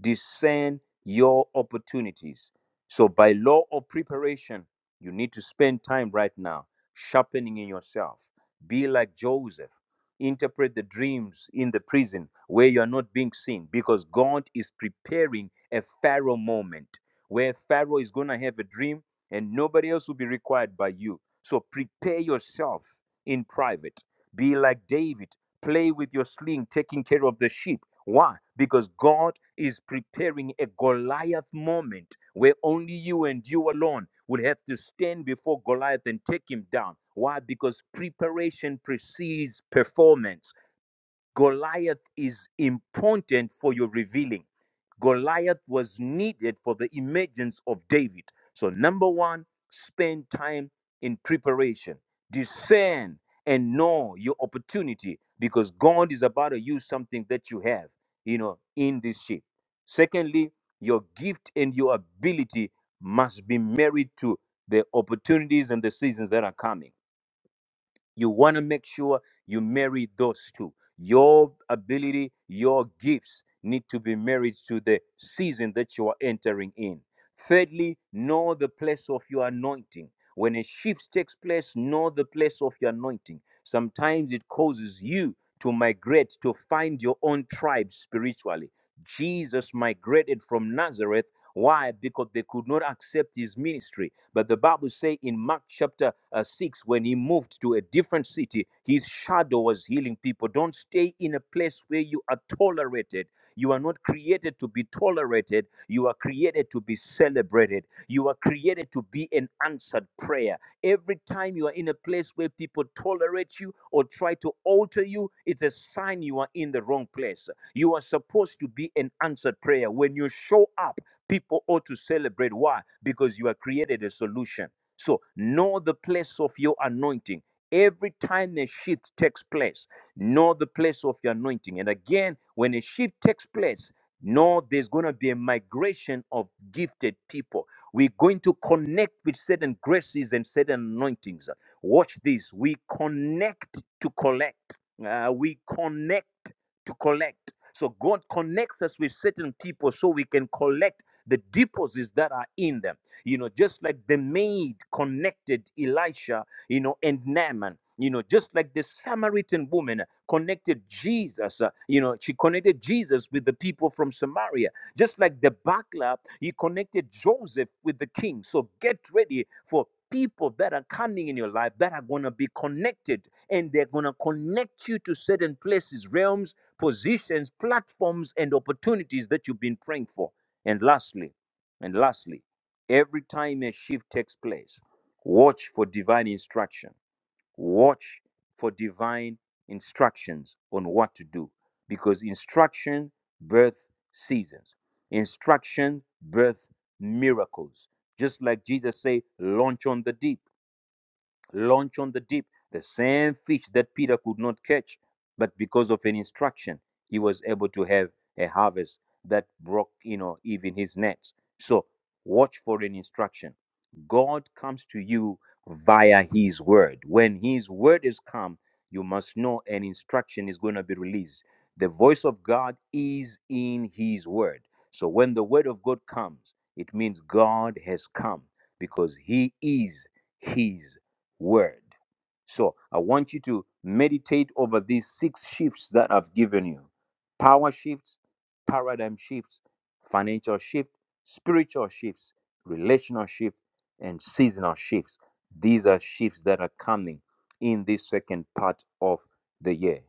[SPEAKER 3] discern your opportunities. So, by law of preparation, you need to spend time right now sharpening in yourself. Be like Joseph. Interpret the dreams in the prison where you are not being seen because God is preparing a Pharaoh moment where Pharaoh is going to have a dream and nobody else will be required by you. So, prepare yourself in private be like David. Play with your sling, taking care of the sheep. Why? Because God is preparing a Goliath moment where only you and you alone will have to stand before Goliath and take him down. Why? Because preparation precedes performance. Goliath is important for your revealing. Goliath was needed for the emergence of David. So, number one, spend time in preparation, discern and know your opportunity because God is about to use something that you have, you know, in this shape. Secondly, your gift and your ability must be married to the opportunities and the seasons that are coming you want to make sure you marry those two your ability your gifts need to be married to the season that you are entering in thirdly know the place of your anointing when a shift takes place know the place of your anointing sometimes it causes you to migrate to find your own tribe spiritually jesus migrated from nazareth why? Because they could not accept his ministry. But the Bible says in Mark chapter uh, 6, when he moved to a different city, his shadow was healing people. Don't stay in a place where you are tolerated. You are not created to be tolerated. You are created to be celebrated. You are created to be an answered prayer. Every time you are in a place where people tolerate you or try to alter you, it's a sign you are in the wrong place. You are supposed to be an answered prayer. When you show up, People ought to celebrate. Why? Because you have created a solution. So know the place of your anointing. Every time a shift takes place, know the place of your anointing. And again, when a shift takes place, know there's going to be a migration of gifted people. We're going to connect with certain graces and certain anointings. Watch this. We connect to collect. Uh, we connect to collect. So God connects us with certain people so we can collect the deposits that are in them. You know, just like the maid connected Elisha, you know, and Naaman. You know, just like the Samaritan woman connected Jesus, uh, you know, she connected Jesus with the people from Samaria. Just like the buckler, he connected Joseph with the king. So get ready for people that are coming in your life that are going to be connected and they're going to connect you to certain places, realms, positions, platforms, and opportunities that you've been praying for. And lastly, and lastly, every time a shift takes place, watch for divine instruction. Watch for divine instructions on what to do because instruction birth seasons. Instruction birth miracles. Just like Jesus said, launch on the deep launch on the deep, the same fish that Peter could not catch. But because of an instruction, he was able to have a harvest that broke, you know, even his nets. So watch for an instruction. God comes to you via his word. When his word is come, you must know an instruction is going to be released. The voice of God is in his word. So when the word of God comes, it means God has come because he is his word. So I want you to meditate over these six shifts that I've given you power shifts, paradigm shifts, financial shift, spiritual shifts, relational shifts, and seasonal shifts. These are shifts that are coming in this second part of the year.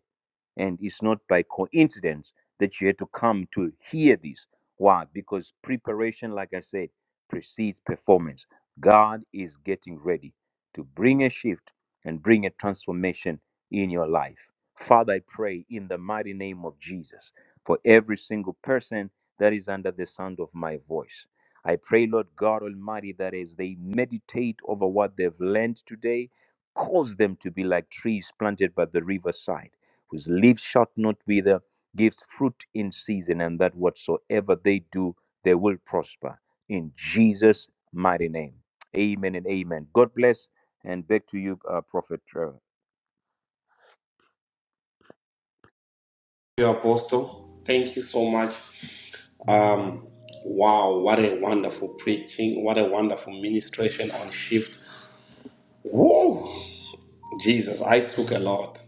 [SPEAKER 3] And it's not by coincidence that you had to come to hear this. Why? Because preparation, like I said, precedes performance. God is getting ready to bring a shift and bring a transformation in your life. Father, I pray in the mighty name of Jesus for every single person that is under the sound of my voice. I pray, Lord God Almighty, that as they meditate over what they've learned today, Cause them to be like trees planted by the riverside, whose leaves shall not wither, gives fruit in season, and that whatsoever they do, they will prosper. In Jesus' mighty name. Amen and amen. God bless. And back to you, uh, Prophet Trevor.
[SPEAKER 1] Thank You, Apostle, thank you so much. Um, wow, what a wonderful preaching. What a wonderful ministration on shift. Whoa, Jesus, I took a lot.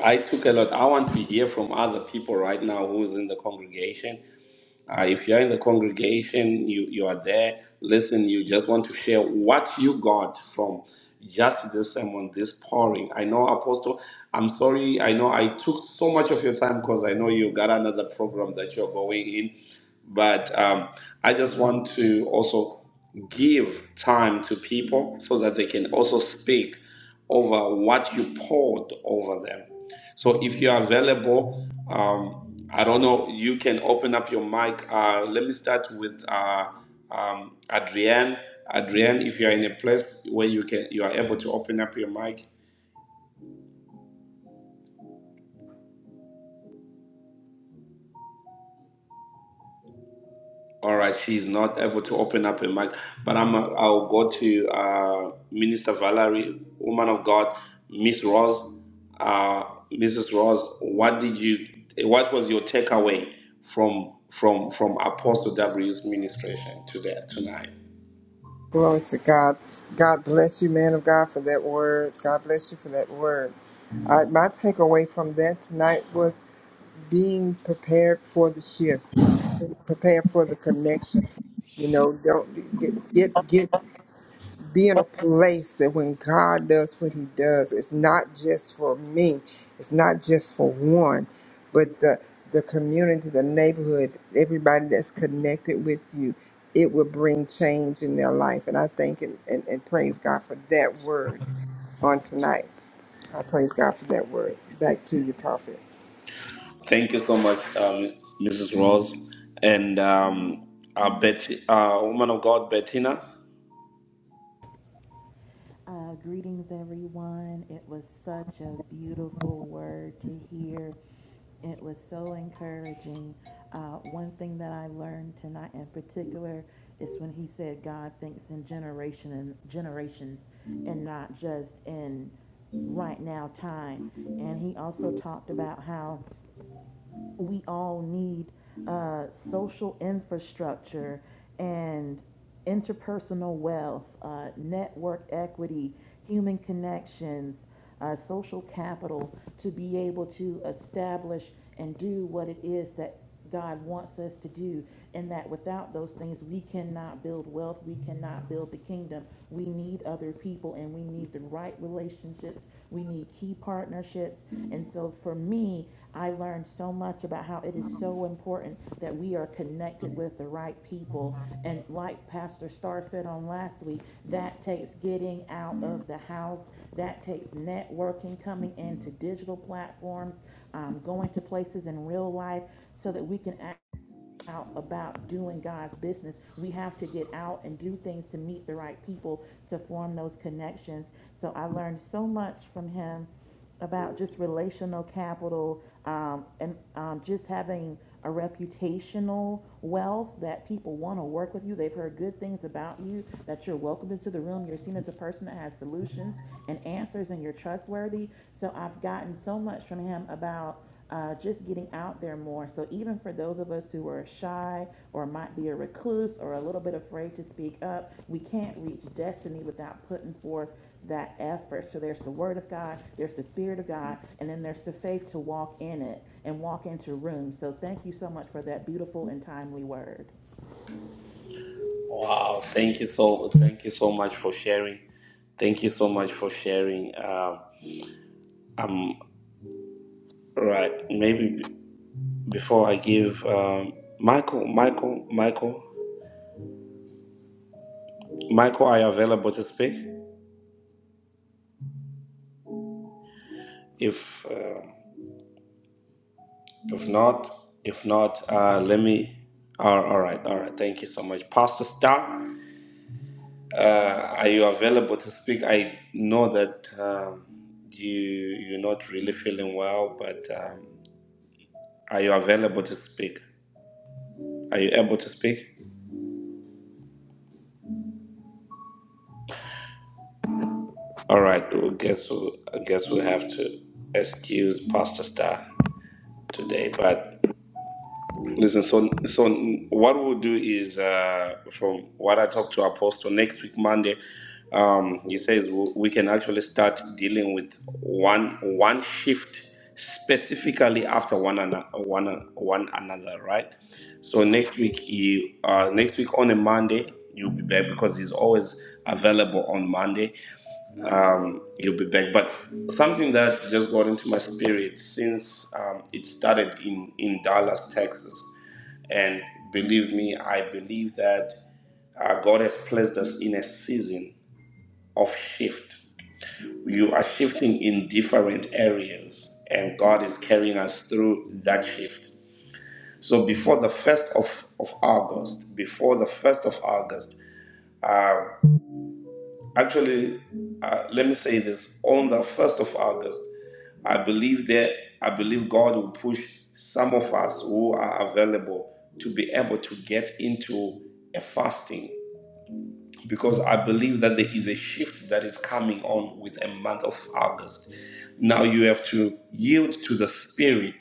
[SPEAKER 1] I took a lot. I want to hear from other people right now who's in the congregation Uh, if you're in the congregation, you, you are there, listen, you just want to share what you got from just this sermon, this pouring. I know, Apostle, I'm sorry. I know I took so much of your time because I know you got another program that you're going in, but um, I just want to also give time to people so that they can also speak over what you poured over them. So if you're available, um, I don't know, you can open up your mic. Uh, let me start with uh, um, Adrienne. Adrienne, if you are in a place where you can, you are able to open up your mic, All right, she's not able to open up a mic, but I'm. I'll go to uh, Minister Valerie, woman of God, Miss Rose, uh, Mrs. Rose. What did you? What was your takeaway from from from Apostle W's ministration today tonight?
[SPEAKER 2] Glory to God. God bless you, man of God, for that word. God bless you for that word. Uh, my takeaway from that tonight was being prepared for the shift, prepare for the connection. You know, don't get get get be in a place that when God does what he does, it's not just for me, it's not just for one, but the the community, the neighborhood, everybody that's connected with you, it will bring change in their life. And I thank and, and, and praise God for that word on tonight. I praise God for that word. Back to you, Prophet.
[SPEAKER 1] Thank you so much, um, Mrs. Rose, and um, uh, Betty, uh, woman of God, Bettina.
[SPEAKER 5] Uh, greetings, everyone. It was such a beautiful word to hear. It was so encouraging. Uh, one thing that I learned tonight, in particular, is when he said God thinks in generation and generations, and not just in right now time. And he also talked about how we all need uh, social infrastructure and interpersonal wealth, uh, network equity, human connections, uh, social capital to be able to establish and do what it is that God wants us to do, and that without those things, we cannot build wealth, we cannot build the kingdom. We need other people, and we need the right relationships, we need key partnerships. And so, for me, I learned so much about how it is so important that we are connected with the right people. And like Pastor Starr said on last week, that takes getting out of the house, that takes networking, coming into digital platforms, um, going to places in real life so that we can out about doing God's business. We have to get out and do things to meet the right people to form those connections. So I learned so much from him about just relational capital um, and um, just having a reputational wealth that people want to work with you. They've heard good things about you, that you're welcomed into the room. You're seen as a person that has solutions and answers and you're trustworthy. So I've gotten so much from him about uh, just getting out there more. So even for those of us who are shy or might be a recluse or a little bit afraid to speak up, we can't reach destiny without putting forth that effort. So there's the Word of God, there's the Spirit of God, and then there's the faith to walk in it and walk into rooms. So thank you so much for that beautiful and timely word.
[SPEAKER 1] Wow, thank you so thank you so much for sharing. Thank you so much for sharing. Um, Um, right. Maybe b- before I give um, Michael, Michael, Michael, Michael, are you available to speak? If uh, if not, if not, uh, let me. all all right, all right. Thank you so much, Pastor Star. Uh, are you available to speak? I know that um you you're not really feeling well, but um, are you available to speak? Are you able to speak? All right. I guess we I guess we have to excuse Pastor Star. today. But listen, so so what we'll do is uh, from what I talked to Apostle next week Monday, um, he says w- we can actually start dealing with one one shift specifically after one another one, an- one another right so next week you uh next week on a monday you'll be back because he's always available on monday um, you'll be back. But something that just got into my spirit since um, it started in, in Dallas, Texas. And believe me, I believe that uh, God has placed us in a season of shift. You are shifting in different areas, and God is carrying us through that shift. So before the 1st of, of August, before the 1st of August, uh, Actually, uh, let me say this: on the first of August, I believe that I believe God will push some of us who are available to be able to get into a fasting because I believe that there is a shift that is coming on with a month of August. Now you have to yield to the spirit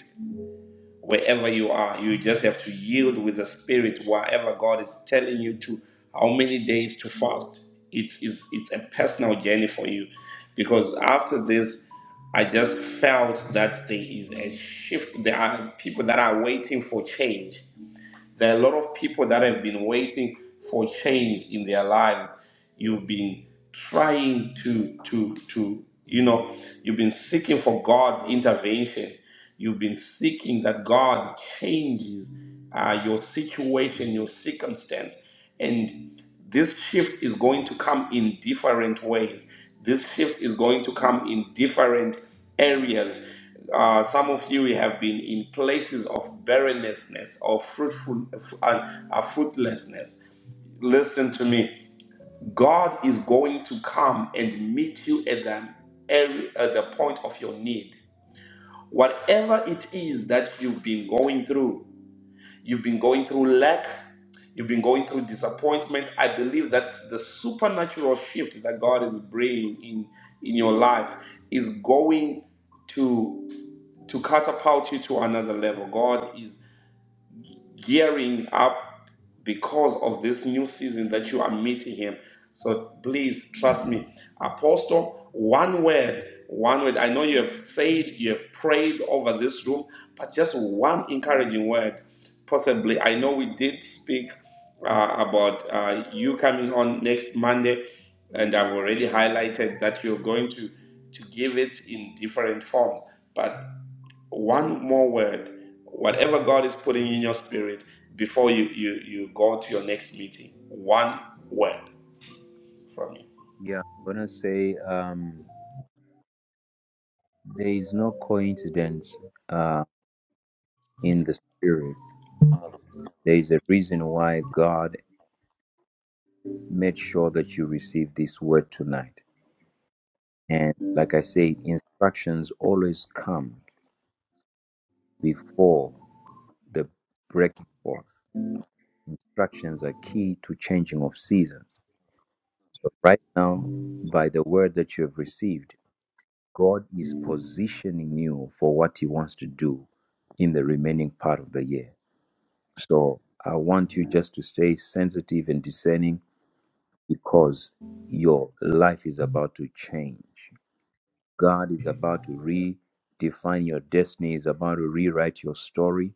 [SPEAKER 1] wherever you are. You just have to yield with the Spirit wherever God is telling you to, how many days to fast. It's, it's, it's a personal journey for you because after this, I just felt that there is a shift. There are people that are waiting for change there are a lot of people that have been waiting for change in their lives. You've been trying to to to you know you've been seeking for God's intervention. You've been seeking that God changes uh, your situation, your circumstance, and this shift is going to come in different ways. This shift is going to come in different areas. Uh, some of you have been in places of barrenness, of fruitful, uh, uh, fruitlessness. Listen to me. God is going to come and meet you at the every, at the point of your need. Whatever it is that you've been going through, you've been going through lack, you've been going through disappointment. I believe that the supernatural shift that God is bringing in in your life is going to to catapult you to another level. God is gearing up because of this new season that you are meeting Him. So please trust me, Apostle. One word, one word. I know you have said, you have prayed over this room, but just one encouraging word, possibly. I know we did speak uh, about uh, you coming on next Monday, and I've already highlighted that you're going to to give it in different forms but one more word whatever god is putting in your spirit before you you you go to your next meeting one word from you
[SPEAKER 3] Yeah, I'm going to say um, there is no coincidence uh, in the spirit. There is a reason why God made sure that you receive this word tonight. And like I said, instructions always come before the breaking forth. Instructions are key to changing of seasons. So right now, by the word that you have received, God is positioning you for what He wants to do in the remaining part of the year. So I want you just to stay sensitive and discerning because your life is about to change. God is about to redefine your destiny, is about to rewrite your story,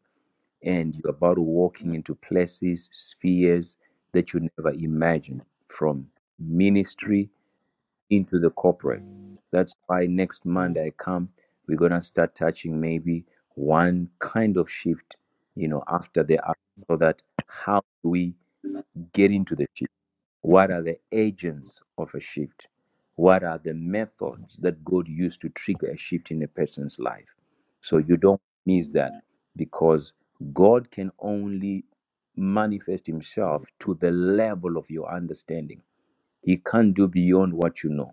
[SPEAKER 3] and you're about to walk into places, spheres that you never imagined from ministry into the corporate. That's why next Monday I come, we're gonna start touching maybe one kind of shift, you know, after the other, so that how do we get into the shift? What are the agents of a shift? What are the methods that God used to trigger a shift in a person's life? So you don't miss that because God can only manifest himself to the level of your understanding. He can't do beyond what you know.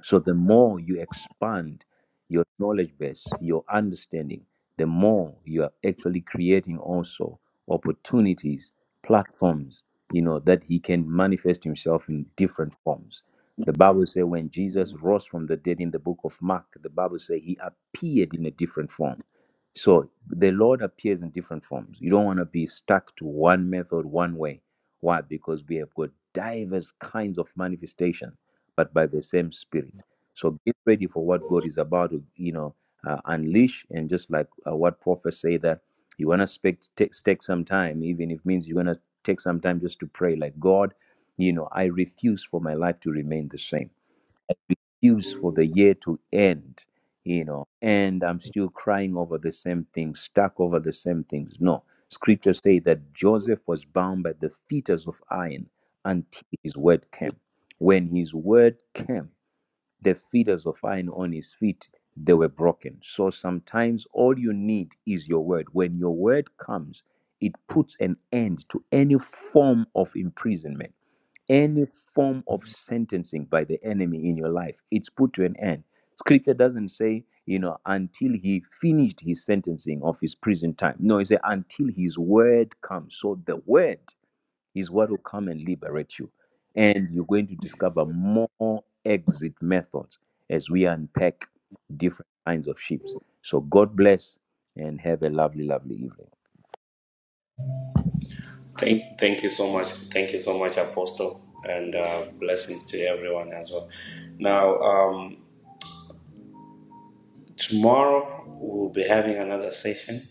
[SPEAKER 3] So the more you expand your knowledge base, your understanding, the more you are actually creating also opportunities, platforms, you know, that he can manifest himself in different forms. The Bible says when Jesus rose from the dead in the book of Mark, the Bible says he appeared in a different form. So the Lord appears in different forms. You don't want to be stuck to one method, one way. Why? Because we have got diverse kinds of manifestation but by the same spirit. So get ready for what God is about to, you know, uh, unleash. And just like uh, what prophets say that you want to take, take some time, even if it means you want to take some time just to pray, like God, you know, I refuse for my life to remain the same. Refuse for the year to end, you know, and I'm still crying over the same things, stuck over the same things. No. Scriptures say that Joseph was bound by the fetters of iron until his word came. When his word came, the fetters of iron on his feet they were broken so sometimes all you need is your word when your word comes it puts an end to any form of imprisonment any form of sentencing by the enemy in your life it's put to an end scripture doesn't say you know until he finished his sentencing of his prison time no it says until his word comes so the word is what will come and liberate you. And you're going to discover more exit methods as we unpack different kinds of ships. So God bless and have a lovely, lovely evening.
[SPEAKER 1] thank thank you so much thank you so much apostle and uh, blessings to everyone as well now um tomorrow we'll be having another session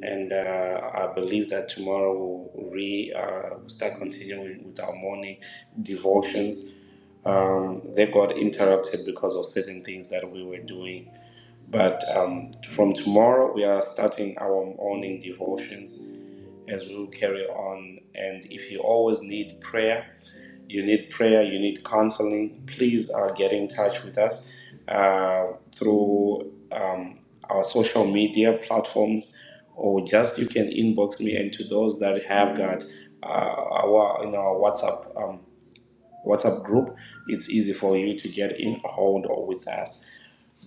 [SPEAKER 1] and uh, i believe that tomorrow we'll re uh, start continuing with our morning devotions um, they got interrupted because of certain things that we were doing But um, from tomorrow, we are starting our morning devotions as we'll carry on. And if you always need prayer, you need prayer, you need counseling, please uh, get in touch with us uh, through um, our social media platforms, or just you can inbox me. And to those that have got uh, our in our WhatsApp um, WhatsApp group, it's easy for you to get in hold or with us.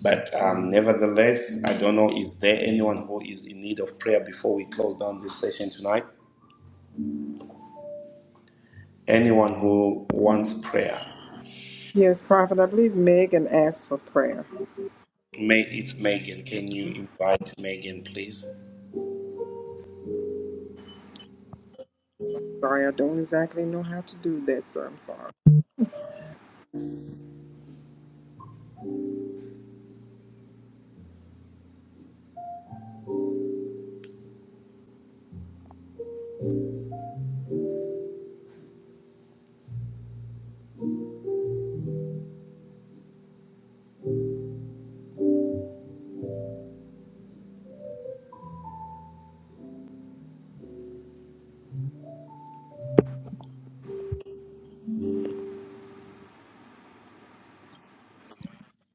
[SPEAKER 1] But um, nevertheless, I don't know, is there anyone who is in need of prayer before we close down this session tonight? Anyone who wants prayer?
[SPEAKER 2] Yes, Prophet, I believe Megan asked for prayer.
[SPEAKER 1] May, it's Megan. Can you invite Megan, please?
[SPEAKER 2] Sorry, I don't exactly know how to do that, so I'm sorry.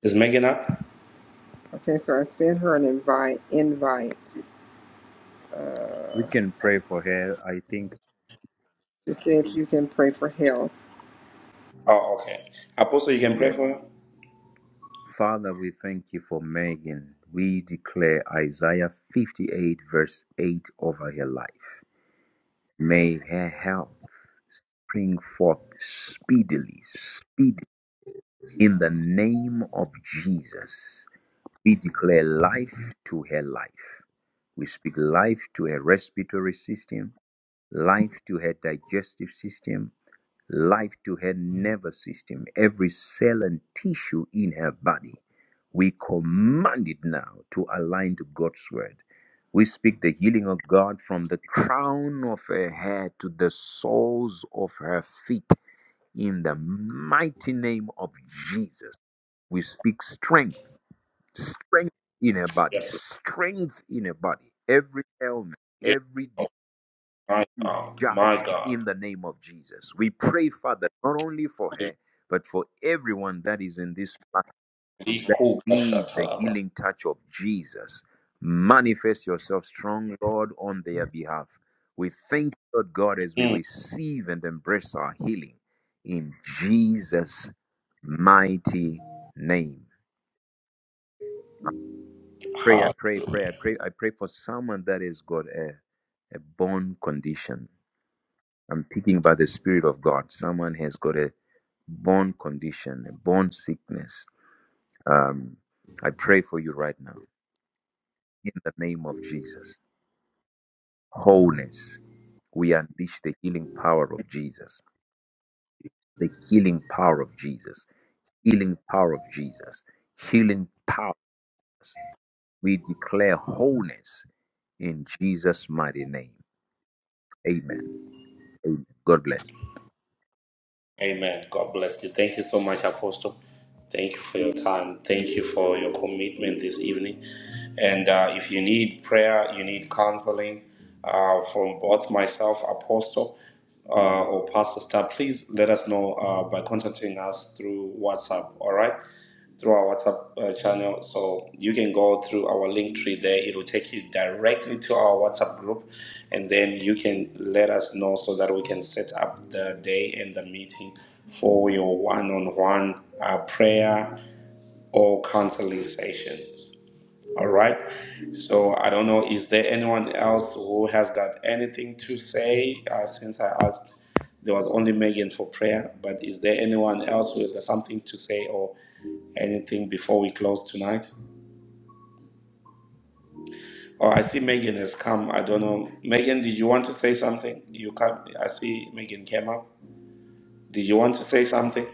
[SPEAKER 1] Is Megan up?
[SPEAKER 2] Okay, so I sent her an invite invite.
[SPEAKER 3] We can pray for her. I think,
[SPEAKER 2] to see if you can pray for health.
[SPEAKER 1] Oh, okay. Apostle, you can pray
[SPEAKER 3] yes.
[SPEAKER 1] for her?
[SPEAKER 3] Father, we thank you for Megan. We declare Isaiah 58, verse 8 over her life. May her health spring forth speedily, speedily, in the name of Jesus. We declare life to her life. We speak life to her respiratory system, life to her digestive system, life to her nervous system, every cell and tissue in her body. We command it now to align to God's word. We speak the healing of God from the crown of her head to the soles of her feet in the mighty name of Jesus. We speak strength strength in her
[SPEAKER 1] Yeah.
[SPEAKER 3] body, strength in her body, every ailment,
[SPEAKER 1] yeah.
[SPEAKER 3] every
[SPEAKER 1] Oh, my
[SPEAKER 3] disease
[SPEAKER 1] God. My
[SPEAKER 3] judged in
[SPEAKER 1] God.
[SPEAKER 3] the name of Jesus. We pray, Father, not only for her, but for everyone that is in this path that needs a healing touch of Jesus. Manifest yourself strong, Lord, on their behalf. We thank you, Lord God, as we receive and embrace our healing in Jesus' mighty name. Pray, I pray,
[SPEAKER 1] Hallelujah.
[SPEAKER 3] pray, I pray, I pray for someone that has got a, a bone condition. I'm thinking about the Spirit of God. Someone has got a bone condition, a bone sickness. Um, I pray for you right now in the name of Jesus. Wholeness. We unleash the healing power of Jesus. The healing power of Jesus. Healing power of Jesus. Healing power. We declare wholeness in Jesus' mighty name. Amen. Amen. God bless.
[SPEAKER 1] Amen. God bless you. Thank you so much, Apostle. Thank you for your time. Thank you for your commitment this evening. And uh, if you need prayer, you need counseling uh, from both myself, Apostle, uh, or Pastor Star, please let us know uh, by contacting us through WhatsApp. All right through our WhatsApp uh, channel. So you can go through our link tree there. It will take you directly to our WhatsApp group, and then you can let us know so that we can set up the day and the meeting for your one-on-one uh, prayer or counseling sessions. All right. So I don't know. Is there anyone else who has got anything to say uh, since I asked? There was only Megan for prayer, but is there anyone else who has got something to say or anything before we close tonight? Oh, I see Megan has come. I don't know. Megan, did you want to say something? You come. I see Megan came up. Did you want to say something?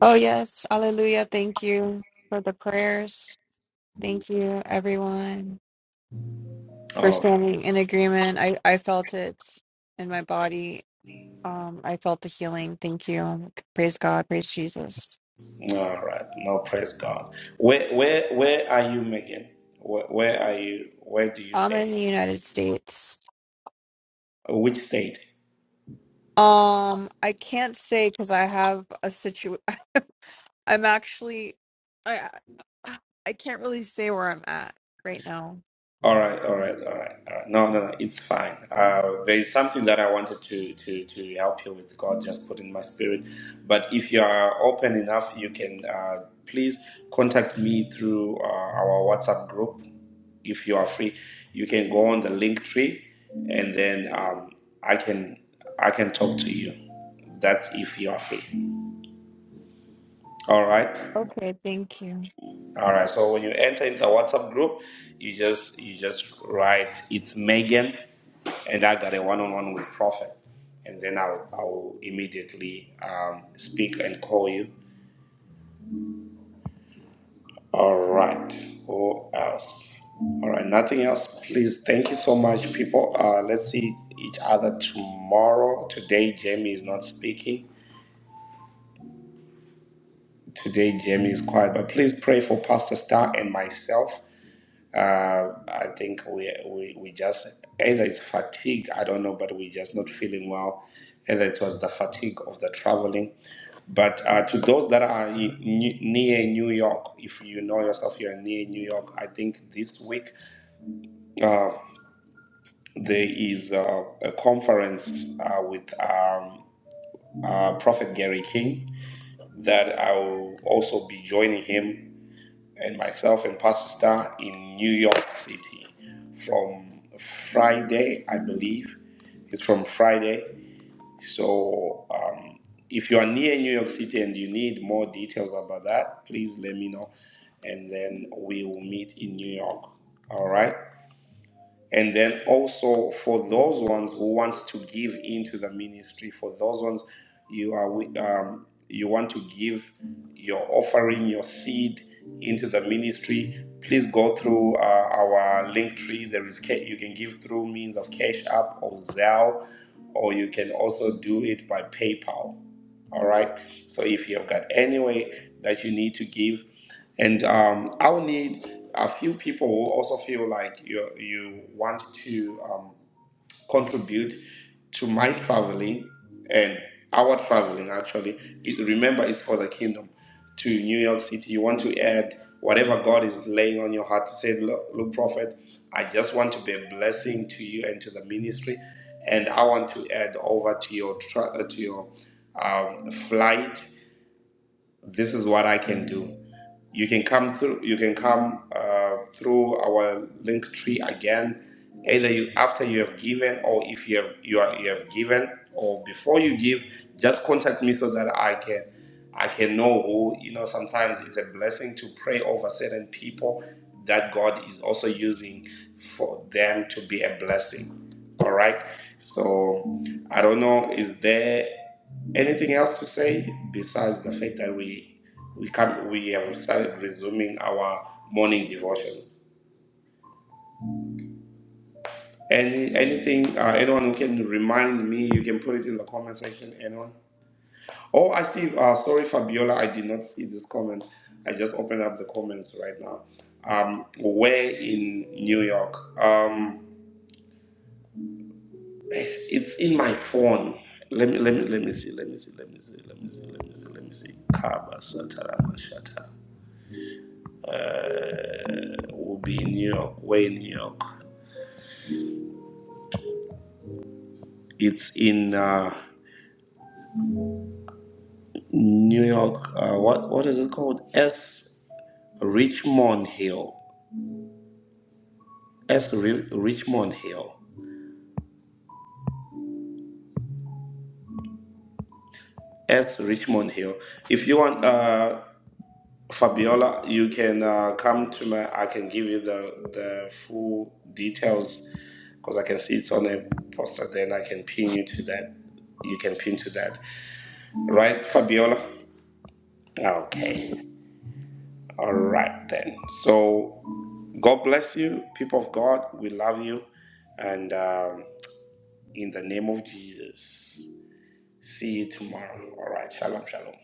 [SPEAKER 6] Oh, yes. Hallelujah. Thank you for the prayers. Thank you, everyone, for
[SPEAKER 1] Oh,
[SPEAKER 6] standing in agreement. I, I felt it in my body. Um, I felt the healing. Thank you. Praise God. Praise Jesus.
[SPEAKER 1] all right. No, praise God. Where, where, where are you, Megan? Where, where are you? Where do you
[SPEAKER 6] I'm in the
[SPEAKER 1] stay?
[SPEAKER 6] United States.
[SPEAKER 1] Which state?
[SPEAKER 6] Um, I can't say because I have a situ. I'm actually, I, I can't really say where I'm at right now.
[SPEAKER 1] All right, all right, all right, all right. No, no, no, it's fine. Uh, there is something that I wanted to, to, to help you with. God just put in my spirit. But if you are open enough, you can uh, please contact me through uh, our WhatsApp group. If you are free, you can go on the link tree, and then um, I can I can talk to you. That's if you are free. All right,
[SPEAKER 6] Okay. Thank you.
[SPEAKER 1] all right. So when you enter in the WhatsApp group, you just you just write it's Megan and I got a one-on-one with Prophet, and then I'll I'll immediately um, speak and call you. All right. Who else? All right. Nothing else. Please. Thank you so much, people. Uh, let's see each other tomorrow. Today, Jamie is not speaking. Today, Jamie is quiet. But please pray for Pastor Star and myself. Uh, I think we, we we just either it's fatigue. I don't know, but we just not feeling well. Either it was the fatigue of the traveling But uh, to those that are in, near New York, if you know yourself, you're near New York. I think this week uh, there is uh, a conference uh, with um, uh, Prophet Gary King that I will also be joining him and myself and Pastor Star in New York City from Friday, I believe. It's from Friday. So um, if you are near New York City and you need more details about that, please let me know and then we will meet in New York. All right. And then also for those ones who wants to give into the ministry, for those ones you are wi- um, you want to give your offering, your seed into the ministry, please go through uh, our link tree. There is ca- you can give through means of Cash App or Zelle, or you can also do it by PayPal. All right. So if you've got any way that you need to give, and um, I will need a few people who also feel like you you want to um, contribute to my traveling and our traveling. Actually, it, remember it's for the kingdom. To New York City, you want to add whatever God is laying on your heart to say, look, look, prophet, I just want to be a blessing to you and to the ministry, and I want to add over to your tra- uh, to your um, flight. This is what I can do you can come through. You can come uh, through our link tree again, either you, after you have given, or if you have you, are, you have given, or before you give. Just contact me so that I can I can know who you know. Sometimes it's a blessing to pray over certain people that God is also using for them to be a blessing. All right. So I don't know. Is there? Anything else to say besides the fact that we we come we have started resuming our morning devotions? Any anything uh, anyone who can remind me, you can put it in the comment section. Anyone? Oh, I see. Uh, sorry, Fabiola, I did not see this comment. I just opened up the comments right now. Um, where in New York? Um, it's in my phone. Let me let me let me see. Let me see. Let me see. Let me see. Let me see. Let me see. Kaba Satara Mashata Uh, will be in New York. We're in New York. It's in uh, New York. Uh, what what is it called? S Richmond Hill. S Ri- Richmond Hill. S Richmond Hill. If you want, uh, Fabiola, you can uh, come to my. I can give you the the full details because I can see it's on a poster. Then I can pin you to that. You can pin to that, right, Fabiola? Okay. All right then. So. God bless you, people of God. We love you. And um, in the name of Jesus, see you tomorrow. All right. Shalom, shalom.